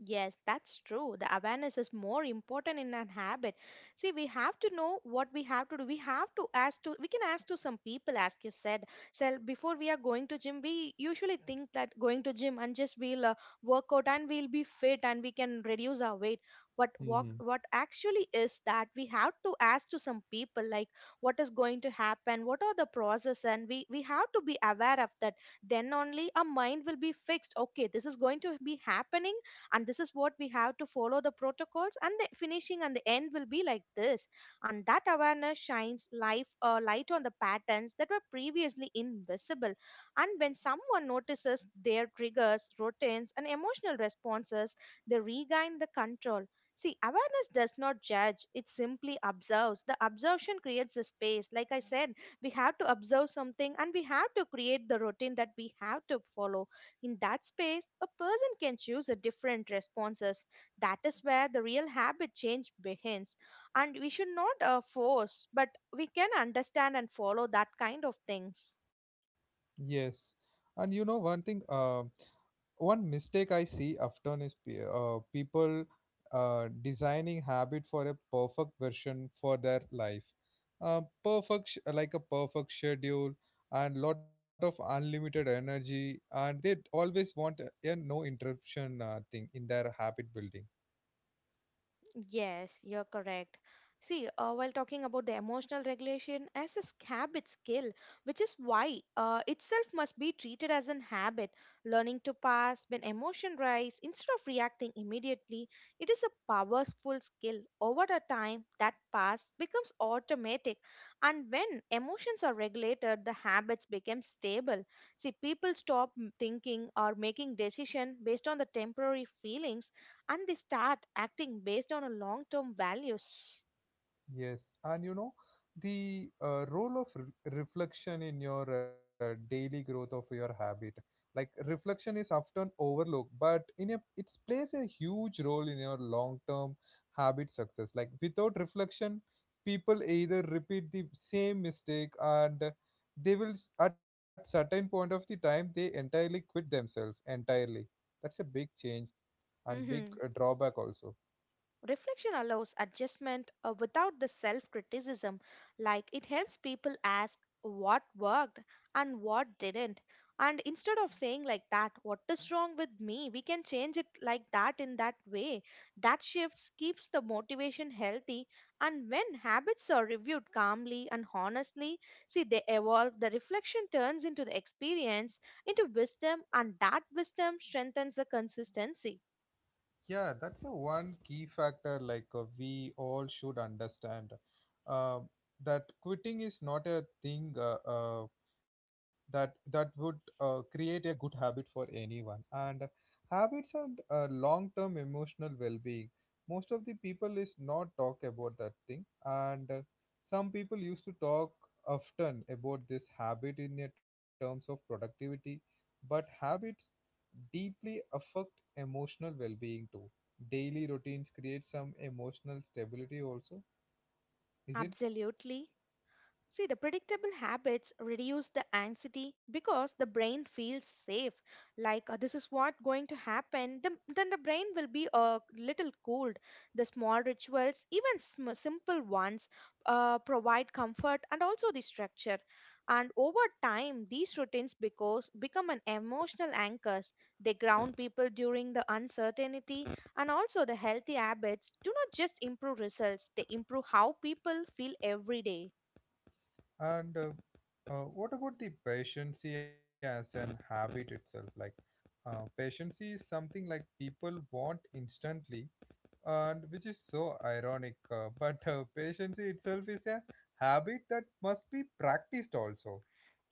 Yes, that's true. The awareness is more important in an habit. See, we have to know what we have to do. We have to ask to, we can ask to some people, as you said. So before we are going to gym, we usually think that going to gym and just we'll uh, work out and we'll be fit and we can reduce our weight. But what,
Hmm.
what actually is that we have to ask to some people, like what is going to happen, what are the process, and we, we have to be aware of that. Then only our mind will be fixed. Okay, this is going to be happening and this is what we have to follow the protocols and the finishing and the end will be like this, and that awareness shines life uh, light on the patterns that were previously invisible, and when someone notices their triggers routines and emotional responses, they regain the control. See, awareness does not judge, it simply observes. The observation creates a space. Like I said, we have to observe something and we have to create the routine that we have to follow. In that space, a person can choose a different responses. That is where the real habit change begins. And we should not uh, force, but we can understand and follow that kind of things.
Yes. And you know one thing, um, one mistake I see often is pe- uh, people uh, designing habit for a perfect version for their life, uh, perfect sh- like a perfect schedule and lot of unlimited energy, and they always want a, a no interruption uh, thing in their habit building.
Yes, you're correct. See, uh, while talking about the emotional regulation as a habit skill, which is why uh, itself must be treated as an habit. Learning to pass when emotion rise instead of reacting immediately, it is a powerful skill. Over the time, that pass becomes automatic, and when emotions are regulated, the habits become stable. See, people stop m- thinking or making decision based on the temporary feelings, and they start acting based on a long term values.
Yes, and you know, the uh, role of re- reflection in your uh, daily growth of your habit. Like reflection is often overlooked, but in a it plays a huge role in your long-term habit success. Like without reflection, people either repeat the same mistake and uh, they will s- at certain point of the time they entirely quit themselves entirely. That's a big change and big
Hmm.
uh, drawback also.
Reflection allows adjustment uh, without the self criticism, like it helps people ask what worked and what didn't. And instead of saying like that, what is wrong with me, we can change it like that in that way. That shifts keeps the motivation healthy. And when habits are reviewed calmly and honestly, see, they evolve. The reflection turns into the experience, into wisdom, and that wisdom strengthens the consistency.
Yeah, that's a one key factor like uh, we all should understand uh, that quitting is not a thing uh, uh, that that would uh, create a good habit for anyone and habits and uh, long-term emotional well-being. Most of the people is not talk about that thing and uh, some people used to talk often about this habit in a terms of productivity, but habits deeply affect emotional well-being too. Daily routines create some emotional stability also, is it?
Absolutely. See, the predictable habits reduce the anxiety because the brain feels safe. Like uh, this is what going to happen. The, then the brain will be a little cooled. The small rituals, even sm- simple ones, uh, provide comfort and also the structure. And over time, these routines because become an emotional anchors. They ground people during the uncertainty, and also the healthy habits do not just improve results; they improve how people feel every day.
And uh, uh, what about the patience as an habit itself? Like uh, patience is something like people want instantly, and which is so ironic. Uh, but uh, patience itself is a habit that must be practiced also.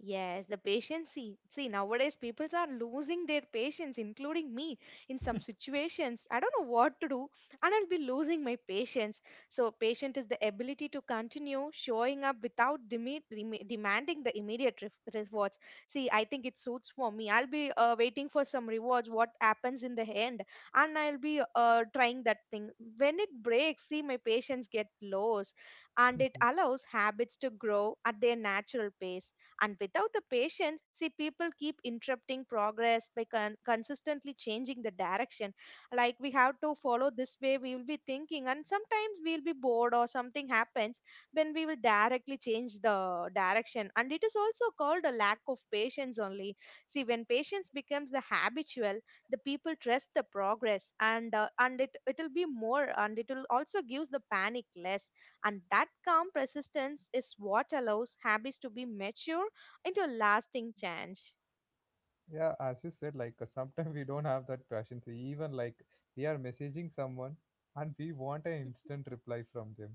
Yes, the patience. See, see, nowadays people are losing their patience, including me, in some situations. I don't know what to do, and I'll be losing my patience. So, patient is the ability to continue showing up without deme- reme- demanding the immediate ref- rewards. See, I think it suits for me. I'll be uh, waiting for some rewards, what happens in the end, and I'll be uh, trying that thing. When it breaks, see, my patience get lost, and it allows habits to grow at their natural pace, and without the patience, see, people keep interrupting progress by con- consistently changing the direction. Like we have to follow this way, we will be thinking, and sometimes we'll be bored or something happens when we will directly change the direction. And it is also called a lack of patience only. See, when patience becomes the habitual, the people trust the progress and uh, and it it'll be more and it will also gives the panic less, and that calm persistence is what allows habits to be mature into a lasting change.
Yeah, as you said, like uh, sometimes we don't have that patience. Even like we are messaging someone and we want an instant reply from them.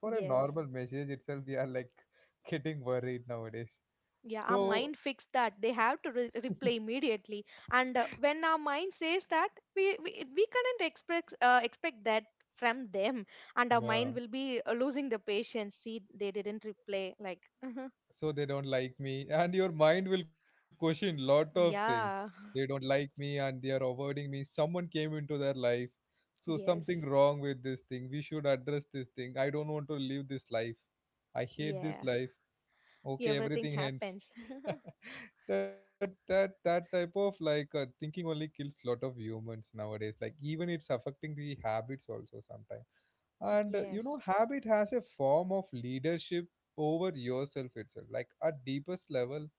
For a
Yes.
normal message itself, we are like getting worried nowadays.
Yeah, our
So,
mind fixed that. They have to re- replay immediately. And uh, when our mind says that, we we, we cannot expect uh, expect that from them, and our mind
yeah.
will be uh, losing the patience. See, they didn't replay. Like,
So they don't like me, and your mind will question lot of things. They
yeah,
don't like me, and they are avoiding me. Someone came into their life, so
yes,
something wrong with this thing. We should address this thing. I don't want to live this life. I hate this
yeah,
life. Okay,
everything
everything ends.
happens.
that that that type of like uh, thinking only kills lot of humans nowadays. Like even it's affecting the habits also sometimes. And uh, you know,
Yes.
habit has a form of leadership over yourself itself. Like at deepest level,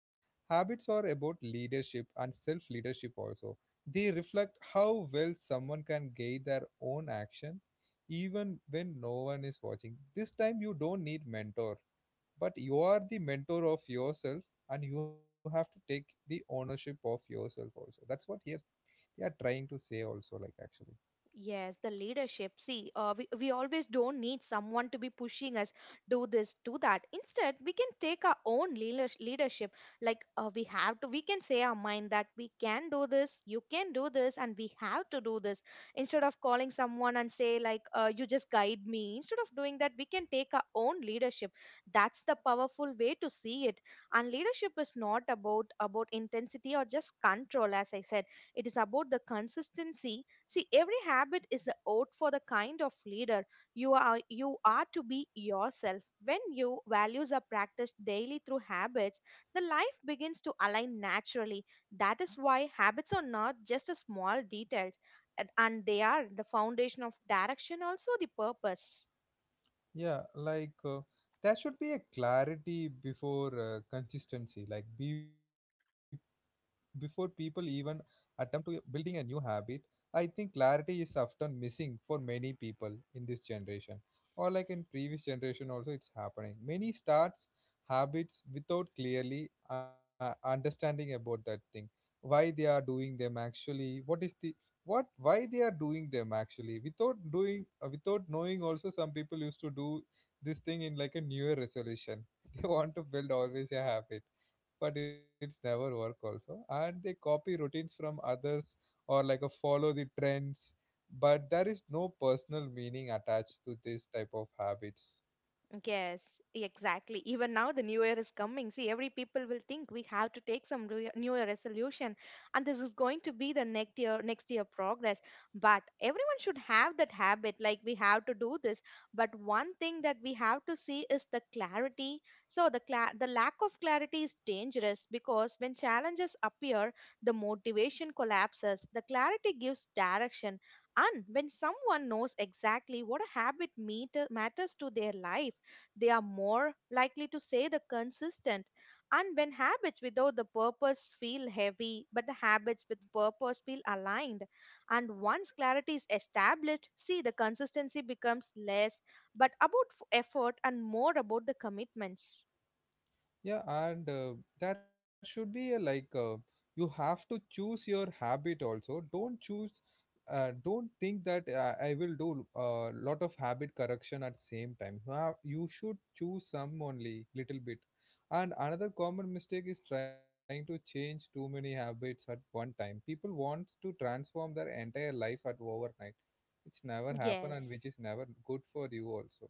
habits are about leadership and self leadership also. They reflect how well someone can guide their own action even when no one is watching. This time you don't need mentor, but you are the mentor of yourself and you have to take the ownership of yourself also. That's what here they are trying to say also like actually.
Yes, the leadership. See, uh, we, we always don't need someone to be pushing us, do this, do that. Instead, we can take our own leaders- leadership. Like, uh, we have to, we can say our mind that we can do this, you can do this, and we have to do this. Instead of calling someone and say, like, uh, you just guide me, instead of doing that, we can take our own leadership. That's the powerful way to see it. And leadership is not about, about intensity or just control. As I said, it is about the consistency. See, every habit is the oath for the kind of leader you are you are to be yourself. When your values are practiced daily through habits, the life begins to align naturally. That is why habits are not just a small details, and and they are the foundation of direction also the purpose.
Yeah, like uh, there should be a clarity before uh, consistency. Like be before people even attempt to building a new habit, I think clarity is often missing for many people in this generation, or like in previous generation also it's happening. Many starts habits without clearly uh, understanding about that thing why they are doing them actually. What is the what why they are doing them actually without doing uh, without knowing also. Some people used to do this thing in like a new year resolution. They want to build always a habit, but it's never work also. And they copy routines from others or like a follow the trends, but there is no personal meaning attached to this type of habits.
Yes, exactly. Even now, the new year is coming. See, every people will think we have to take some re- new year resolution, and this is going to be the next year, next year progress. But everyone should have that habit, like we have to do this. But one thing that we have to see is the clarity. So the cla the lack of clarity is dangerous because when challenges appear, the motivation collapses. The clarity gives direction. And when someone knows exactly what a habit meter matters to their life, they are more likely to say the consistent. And when habits without the purpose feel heavy, but the habits with purpose feel aligned, and once clarity is established, see the consistency becomes less but about f- effort and more about the commitments.
Yeah, and uh, there should be a like uh, you have to choose your habit also. Don't choose, uh, don't think that uh, I will do a lot of habit correction at same time. You have, you should choose some only little bit. And another common mistake is trying to change too many habits at one time. People want to transform their entire life at overnight, which never happen and
Yes.
which is never good for you also.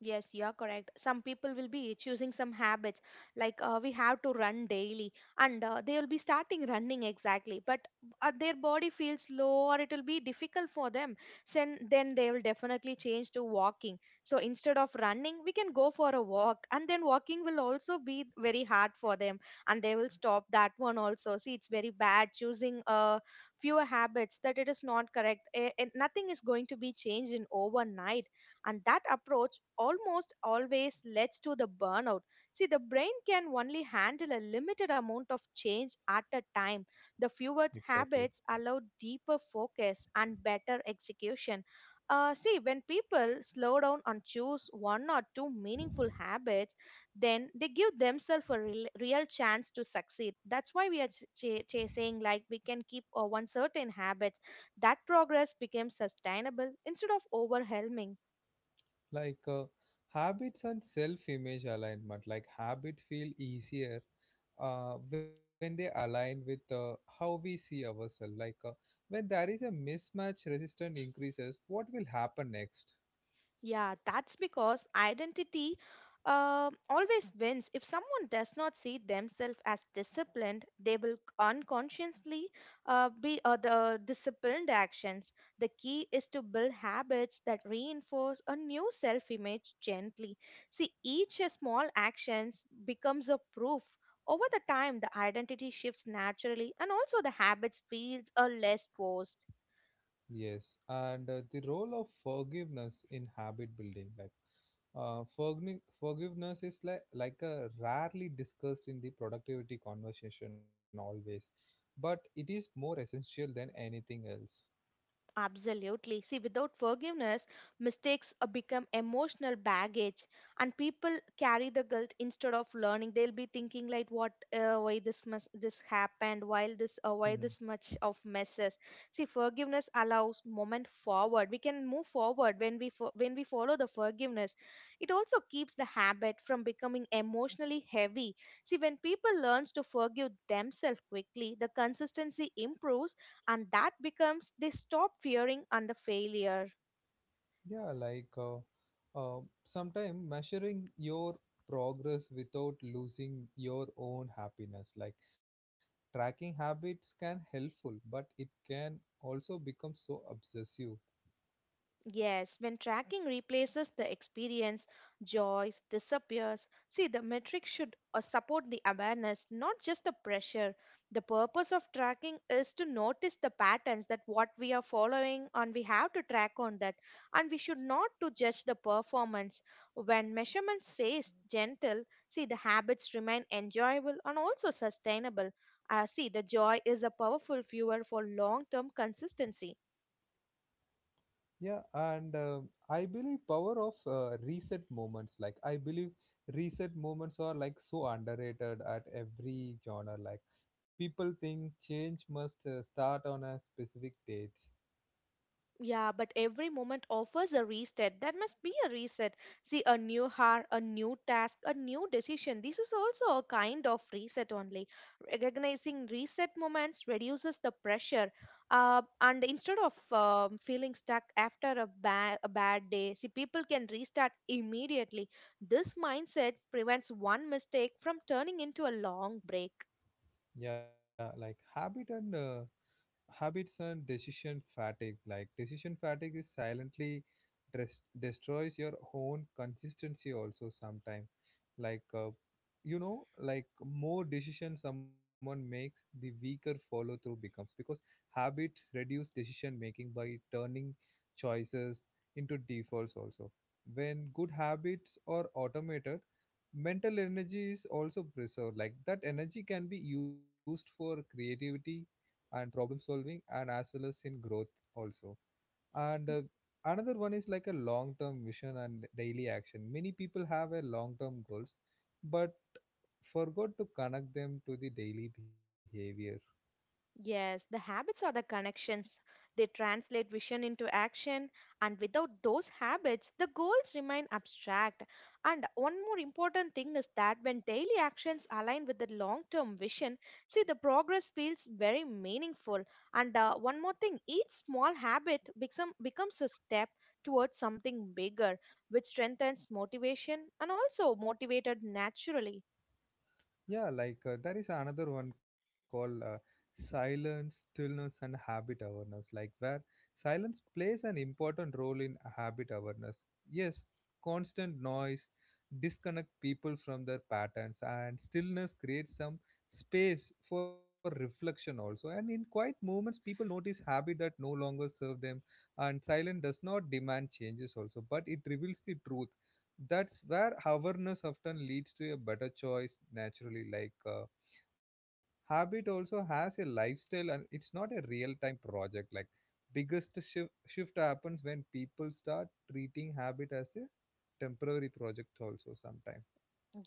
Yes, you are correct. Some people will be choosing some habits like uh, we have to run daily, and uh, they will be starting running exactly. But uh, their body feels low, or it will be difficult for them. Then, then they will definitely change to walking. So instead of running, we can go for a walk, and then walking will also be very hard for them, and they will stop that one also. See, it's very bad choosing uh, fewer habits that it is not correct. Eh, eh, nothing is going to be changed in overnight, and that approach almost always leads to the burnout. See, the brain can only handle a limited amount of change at a time. The fewer
Exactly.
habits allow deeper focus and better execution. uh, see, when people slow down and choose one or two meaningful habits, then they give themselves a real, real chance to succeed. That's why we are ch- ch- chasing, like we can keep uh, one certain habits. That progress becomes sustainable instead of overwhelming.
Like uh, habits and self image alignment, like habits feel easier uh, when they align with uh, how we see ourselves, like uh, when there is a mismatch resistance increases. What will happen next?
Yeah, that's because identity uh, always wins. If someone does not see themselves as disciplined, they will unconsciously uh, be uh, the disciplined actions. The key is to build habits that reinforce a new self-image gently. See, each small actions becomes a proof. Over the time, the identity shifts naturally, and also the habits feels a less forced.
Yes, and uh, the role of forgiveness in habit building, like uh, forgni- forgiveness is like like a rarely discussed in the productivity conversation always, but it is more essential than anything else.
Absolutely. See, without forgiveness, mistakes uh, become emotional baggage, and people carry the guilt instead of learning. They'll be thinking like, "What? Uh, why this mess? This happened? Why this? Uh, why
Mm-hmm.
this much of messes?" See, forgiveness allows moment forward. We can move forward when we fo- when we follow the forgiveness. It also keeps the habit from becoming emotionally heavy. See, when people learns to forgive themselves quickly, the consistency improves, and that becomes they stop fearing under failure.
Yeah, like uh, uh, sometimes measuring your progress without losing your own happiness. Like tracking habits can helpful, but it can also become so obsessive.
Yes, when tracking replaces the experience, joys disappears. See, the metric should uh, support the awareness, not just the pressure. The purpose of tracking is to notice the patterns that what we are following and we have to track on that. And we should not to judge the performance. When measurement says gentle, see the habits remain enjoyable and also sustainable. Uh, see, the joy is a powerful fuel for long-term consistency.
Yeah, and um, I believe power of uh, reset moments. Like I believe reset moments are like so underrated at every genre. Like people think change must uh, start on a specific date.
Yeah, but every moment offers a reset. That must be a reset. See, a new hour, a new task, a new decision. This is also a kind of reset only. Recognizing reset moments reduces the pressure. Uh, and instead of um, feeling stuck after a, ba- a bad day, see, people can restart immediately. This mindset prevents one mistake from turning into a long break.
Yeah, like habit and uh, habits and decision fatigue. Like decision fatigue is silently dress, destroys your own consistency also sometimes, like uh, you know, like more decision someone makes the weaker follow through becomes, because habits reduce decision making by turning choices into defaults also. When good habits are automated, mental energy is also preserved. Like that energy can be used for creativity and problem solving and as well as in growth also. And uh, another one is like a long term vision and daily action. Many people have a long term goals, but forgot to connect them to the daily behavior.
Yes, the habits are the connections. They translate vision into action, and without those habits, the goals remain abstract. And one more important thing is that when daily actions align with the long term vision, see the progress feels very meaningful. And uh, one more thing, each small habit become, becomes a step towards something bigger, which strengthens motivation and also motivated naturally.
Yeah, like uh, there is another one called uh, silence, stillness, and habit awareness, like where silence plays an important role in habit awareness. Yes, constant noise disconnect people from their patterns, and stillness creates some space for reflection also. And in quiet moments, people notice habit that no longer serve them, and silence does not demand changes also, but it reveals the truth. That's where awareness often leads to a better choice naturally. Like uh, habit also has a lifestyle and it's not a real time project. Like biggest shift shift happens when people start treating habit as a temporary project also sometimes.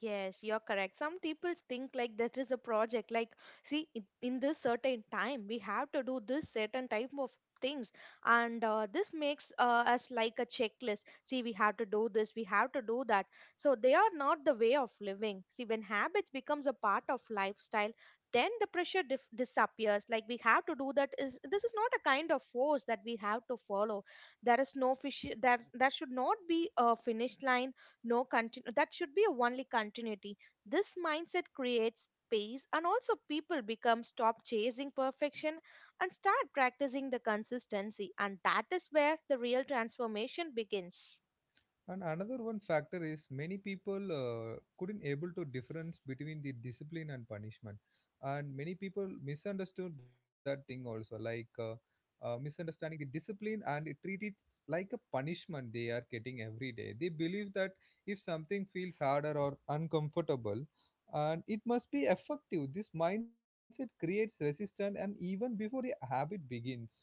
Yes, you're correct. Some people think like that is a project. Like, see, in in this certain time, we have to do this certain type of things, and uh, this makes uh, us like a checklist. See, we have to do this, we have to do that. So they are not the way of living. See, when habits becomes a part of lifestyle, then the pressure dif- disappears. Like we have to do that. Is this is not a kind of force that we have to follow. There is no fish. There there should not be a finish line, no continu- that should be a only continuity. This mindset creates space, and also people become stop chasing perfection and start practicing the consistency, and that is where the real transformation begins.
And another one factor is many people uh, couldn't able to difference between the discipline and punishment, and many people misunderstood that thing also, like uh, uh, misunderstanding the discipline and it treat it like a punishment they are getting every day. They believe that if something feels harder or uncomfortable, and it must be effective. This mindset creates resistance, and even before the habit begins.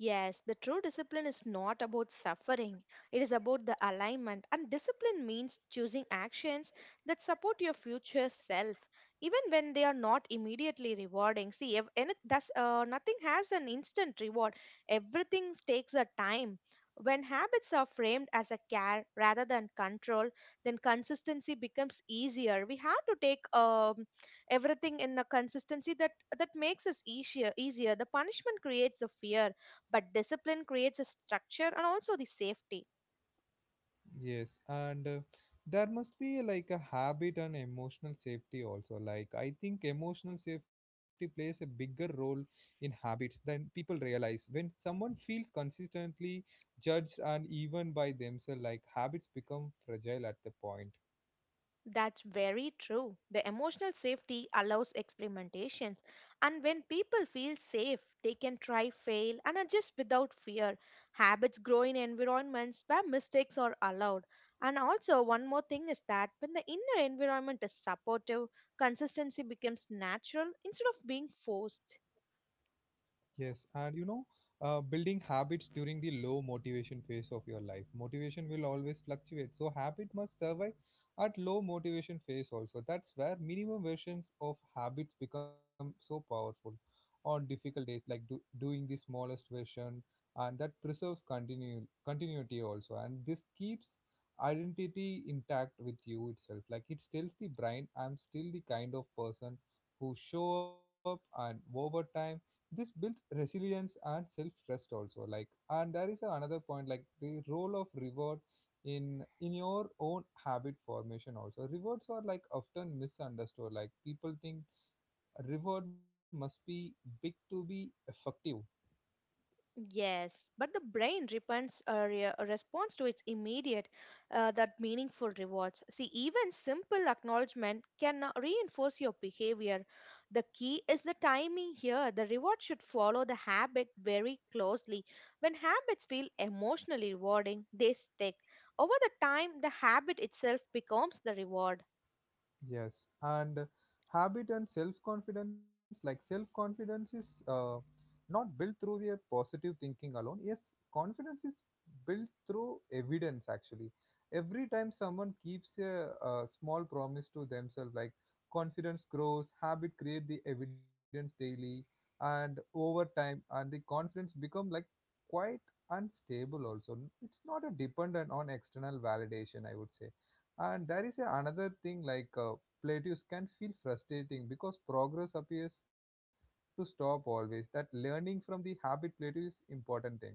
Yes, the true discipline is not about suffering. It is about the alignment, and discipline means choosing actions that support your future self, even when they are not immediately rewarding. See, if any, thus, uh, nothing has an instant reward, everything takes a time. When habits are framed as a care rather than control, then consistency becomes easier. We have to take um, everything in a consistency that that makes us easier. Easier. The punishment creates the fear, but discipline creates a structure and also the safety.
Yes, and uh, there must be like a habit and emotional safety also. Like, I think emotional safety plays a bigger role in habits than people realize. When someone feels consistently judged and even by themselves, like habits become fragile at the point.
That's very true. The emotional safety allows experimentations, and when people feel safe, they can try, fail, and adjust without fear. Habits grow in environments where mistakes are allowed. And also, one more thing is that when the inner environment is supportive, consistency becomes natural instead of being forced.
Yes, and you know, uh, building habits during the low motivation phase of your life. Motivation will always fluctuate, so habit must survive at low motivation phase also. That's where minimum versions of habits become so powerful on difficult days, like do, doing the smallest version, and that preserves continu- continuity also. And this keeps identity intact with you itself. Like it tells the brain, I'm still the kind of person who show up, and over time this built resilience and self trust also. Like, and there is a another point, like the role of reward in in your own habit formation also. Rewards are like often misunderstood. Like people think a reward must be big to be effective.
Yes, but the brain repents a, re- a response to its immediate, uh, that meaningful rewards. See, even simple acknowledgement can uh, reinforce your behavior. The key is the timing here. The reward should follow the habit very closely. When habits feel emotionally rewarding, they stick. Over the time, the habit itself becomes the reward.
Yes, and habit and self confidence, like self confidence is uh, not built through the positive thinking alone. Yes, confidence is built through evidence actually. Every time someone keeps a, a small promise to themselves, like confidence grows, habit create the evidence daily, and over time, and the confidence become like quite unstable also. It's not a dependent on external validation, I would say. And there is a another thing, like uh, plateaus can feel frustrating because progress appears to stop always. That learning from the habit plateau is important thing.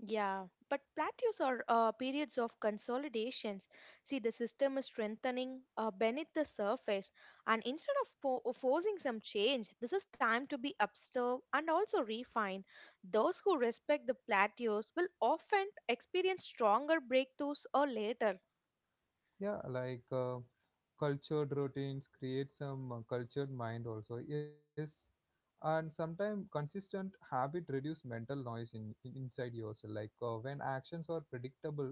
Yeah, but plateaus are uh, periods of consolidations. See, the system is strengthening uh, beneath the surface, and instead of fo- of forcing some change, this is time to be observed and also refined. Those who respect the plateaus will often experience stronger breakthroughs or later.
Yeah, like uh, cultured routines create some uh, cultured mind also. Yes, and sometimes consistent habit reduce mental noise in, in inside yourself. Like uh, when actions are predictable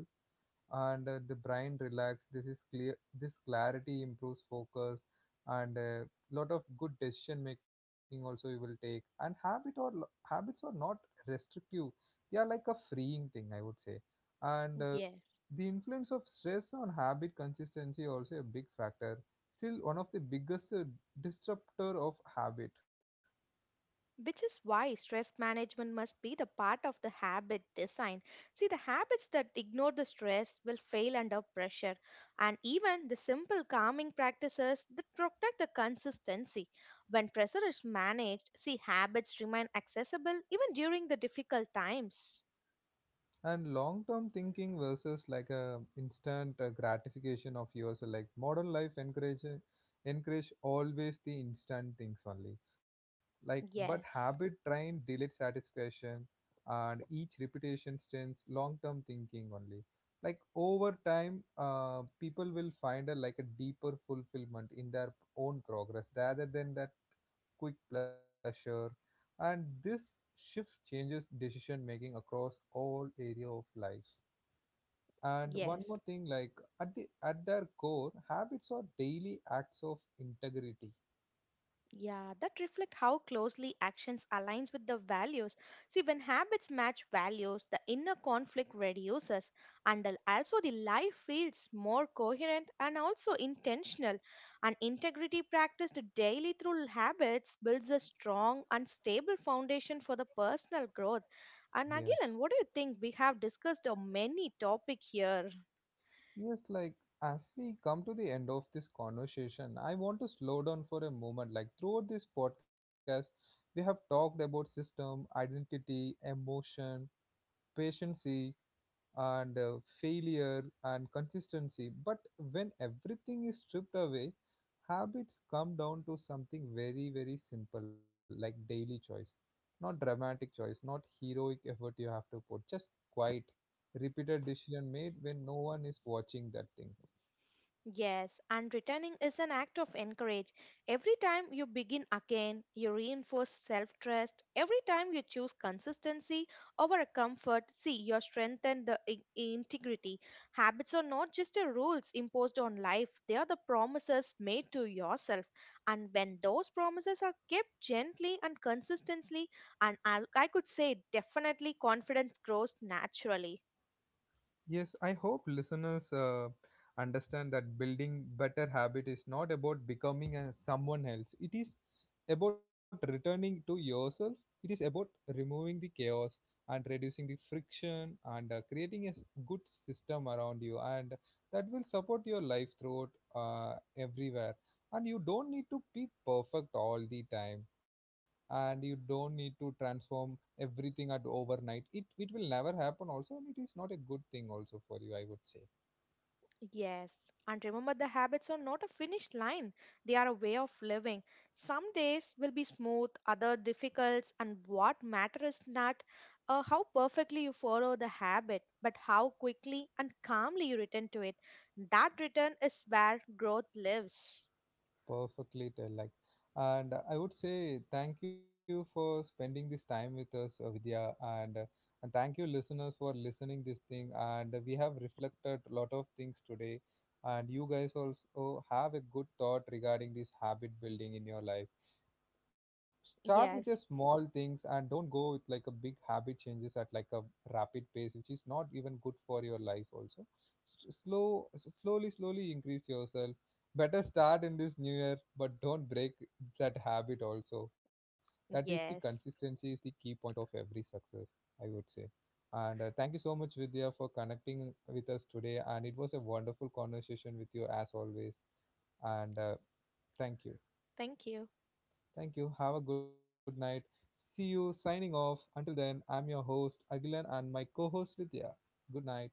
and uh, the brain relax, this is clear, this clarity improves focus and a lot of good decision making also you will take. And habit or lo- habits are not restrictive, they are like a freeing thing, I would say. And uh,
Yes.
the influence of stress on habit consistency also a big factor, still one of the biggest uh, disruptor of habit.
Which is why stress management must be the part of the habit design. See, the habits that ignore the stress will fail under pressure, and even the simple calming practices that protect the consistency. When pressure is managed, see, habits remain accessible even during the difficult times.
And long term thinking versus like a instant uh, gratification of yourself, like modern life encourage encourage always the instant things only, like but habit
Yes,
train delayed satisfaction, and each repetition strains long term thinking only. Like over time uh, people will find a like a deeper fulfillment in their own progress rather than that quick pleasure, and this shift changes decision making across all area of lives. And one more
yes.
thing, like at the at their core, habits are daily acts of integrity.
Yeah, that reflect how closely actions aligns with the values. See, when habits match values, the inner conflict reduces, and al- also the life feels more coherent and also intentional. And integrity practiced daily through habits builds a strong and stable foundation for the personal growth. And
Yes,
Agilan, what do you think? We have discussed uh, many topic here.
yes, like as we come to the end of this conversation, I want to slow down for a moment. Like throughout this podcast, we have talked about system, identity, emotion, patience, and uh, failure and consistency. But when everything is stripped away, habits come down to something very, very simple, like daily choice. Not dramatic choice, not heroic effort you have to put, just quiet, repeated decision made when no one is watching that thing.
Yes, and returning is an act of encourage. Every time you begin again, you reinforce self trust. Every time you choose consistency over a comfort, see, you strengthen the i- integrity. Habits are not just the rules imposed on life, they are the promises made to yourself. And when those promises are kept gently and consistently, and I, I could say definitely confidence grows naturally.
Yes, I hope listeners uh, understand that building better habit is not about becoming a someone else. It is about returning to yourself. It is about removing the chaos and reducing the friction and uh, creating a s- good system around you, and that will support your life throughout uh, everywhere. And you don't need to be perfect all the time, and you don't need to transform everything at overnight. It it will never happen also, and it is not a good thing also for you, I would say.
Yes, and remember the habits are not a finish line, they are a way of living. Some days will be smooth, other difficult, and what matters is not uh, how perfectly you follow the habit, but how quickly and calmly you return to it. That return is where growth lives.
Perfectly tell, like, and I would say thank you for spending this time with us, uh, Vidya, and uh, and thank you listeners for listening this thing, and we have reflected a lot of things today, and you guys also have a good thought regarding this habit building in your life. Start with your
Yes,
small things, and don't go with like a big habit changes at like a rapid pace, which is not even good for your life also. S- slow, s- slowly slowly increase yourself, better start in this new year, but don't break that habit also. That is, the
yes.
consistency is the key point of every success, I would say. And uh, thank you so much, Vidya, for connecting with us today, and it was a wonderful conversation with you as always, and uh, thank you.
Thank you.
Thank you. Have a good night. See you, signing off. Until then, I'm your host, Agilan, and my co host, Vidya. Good night.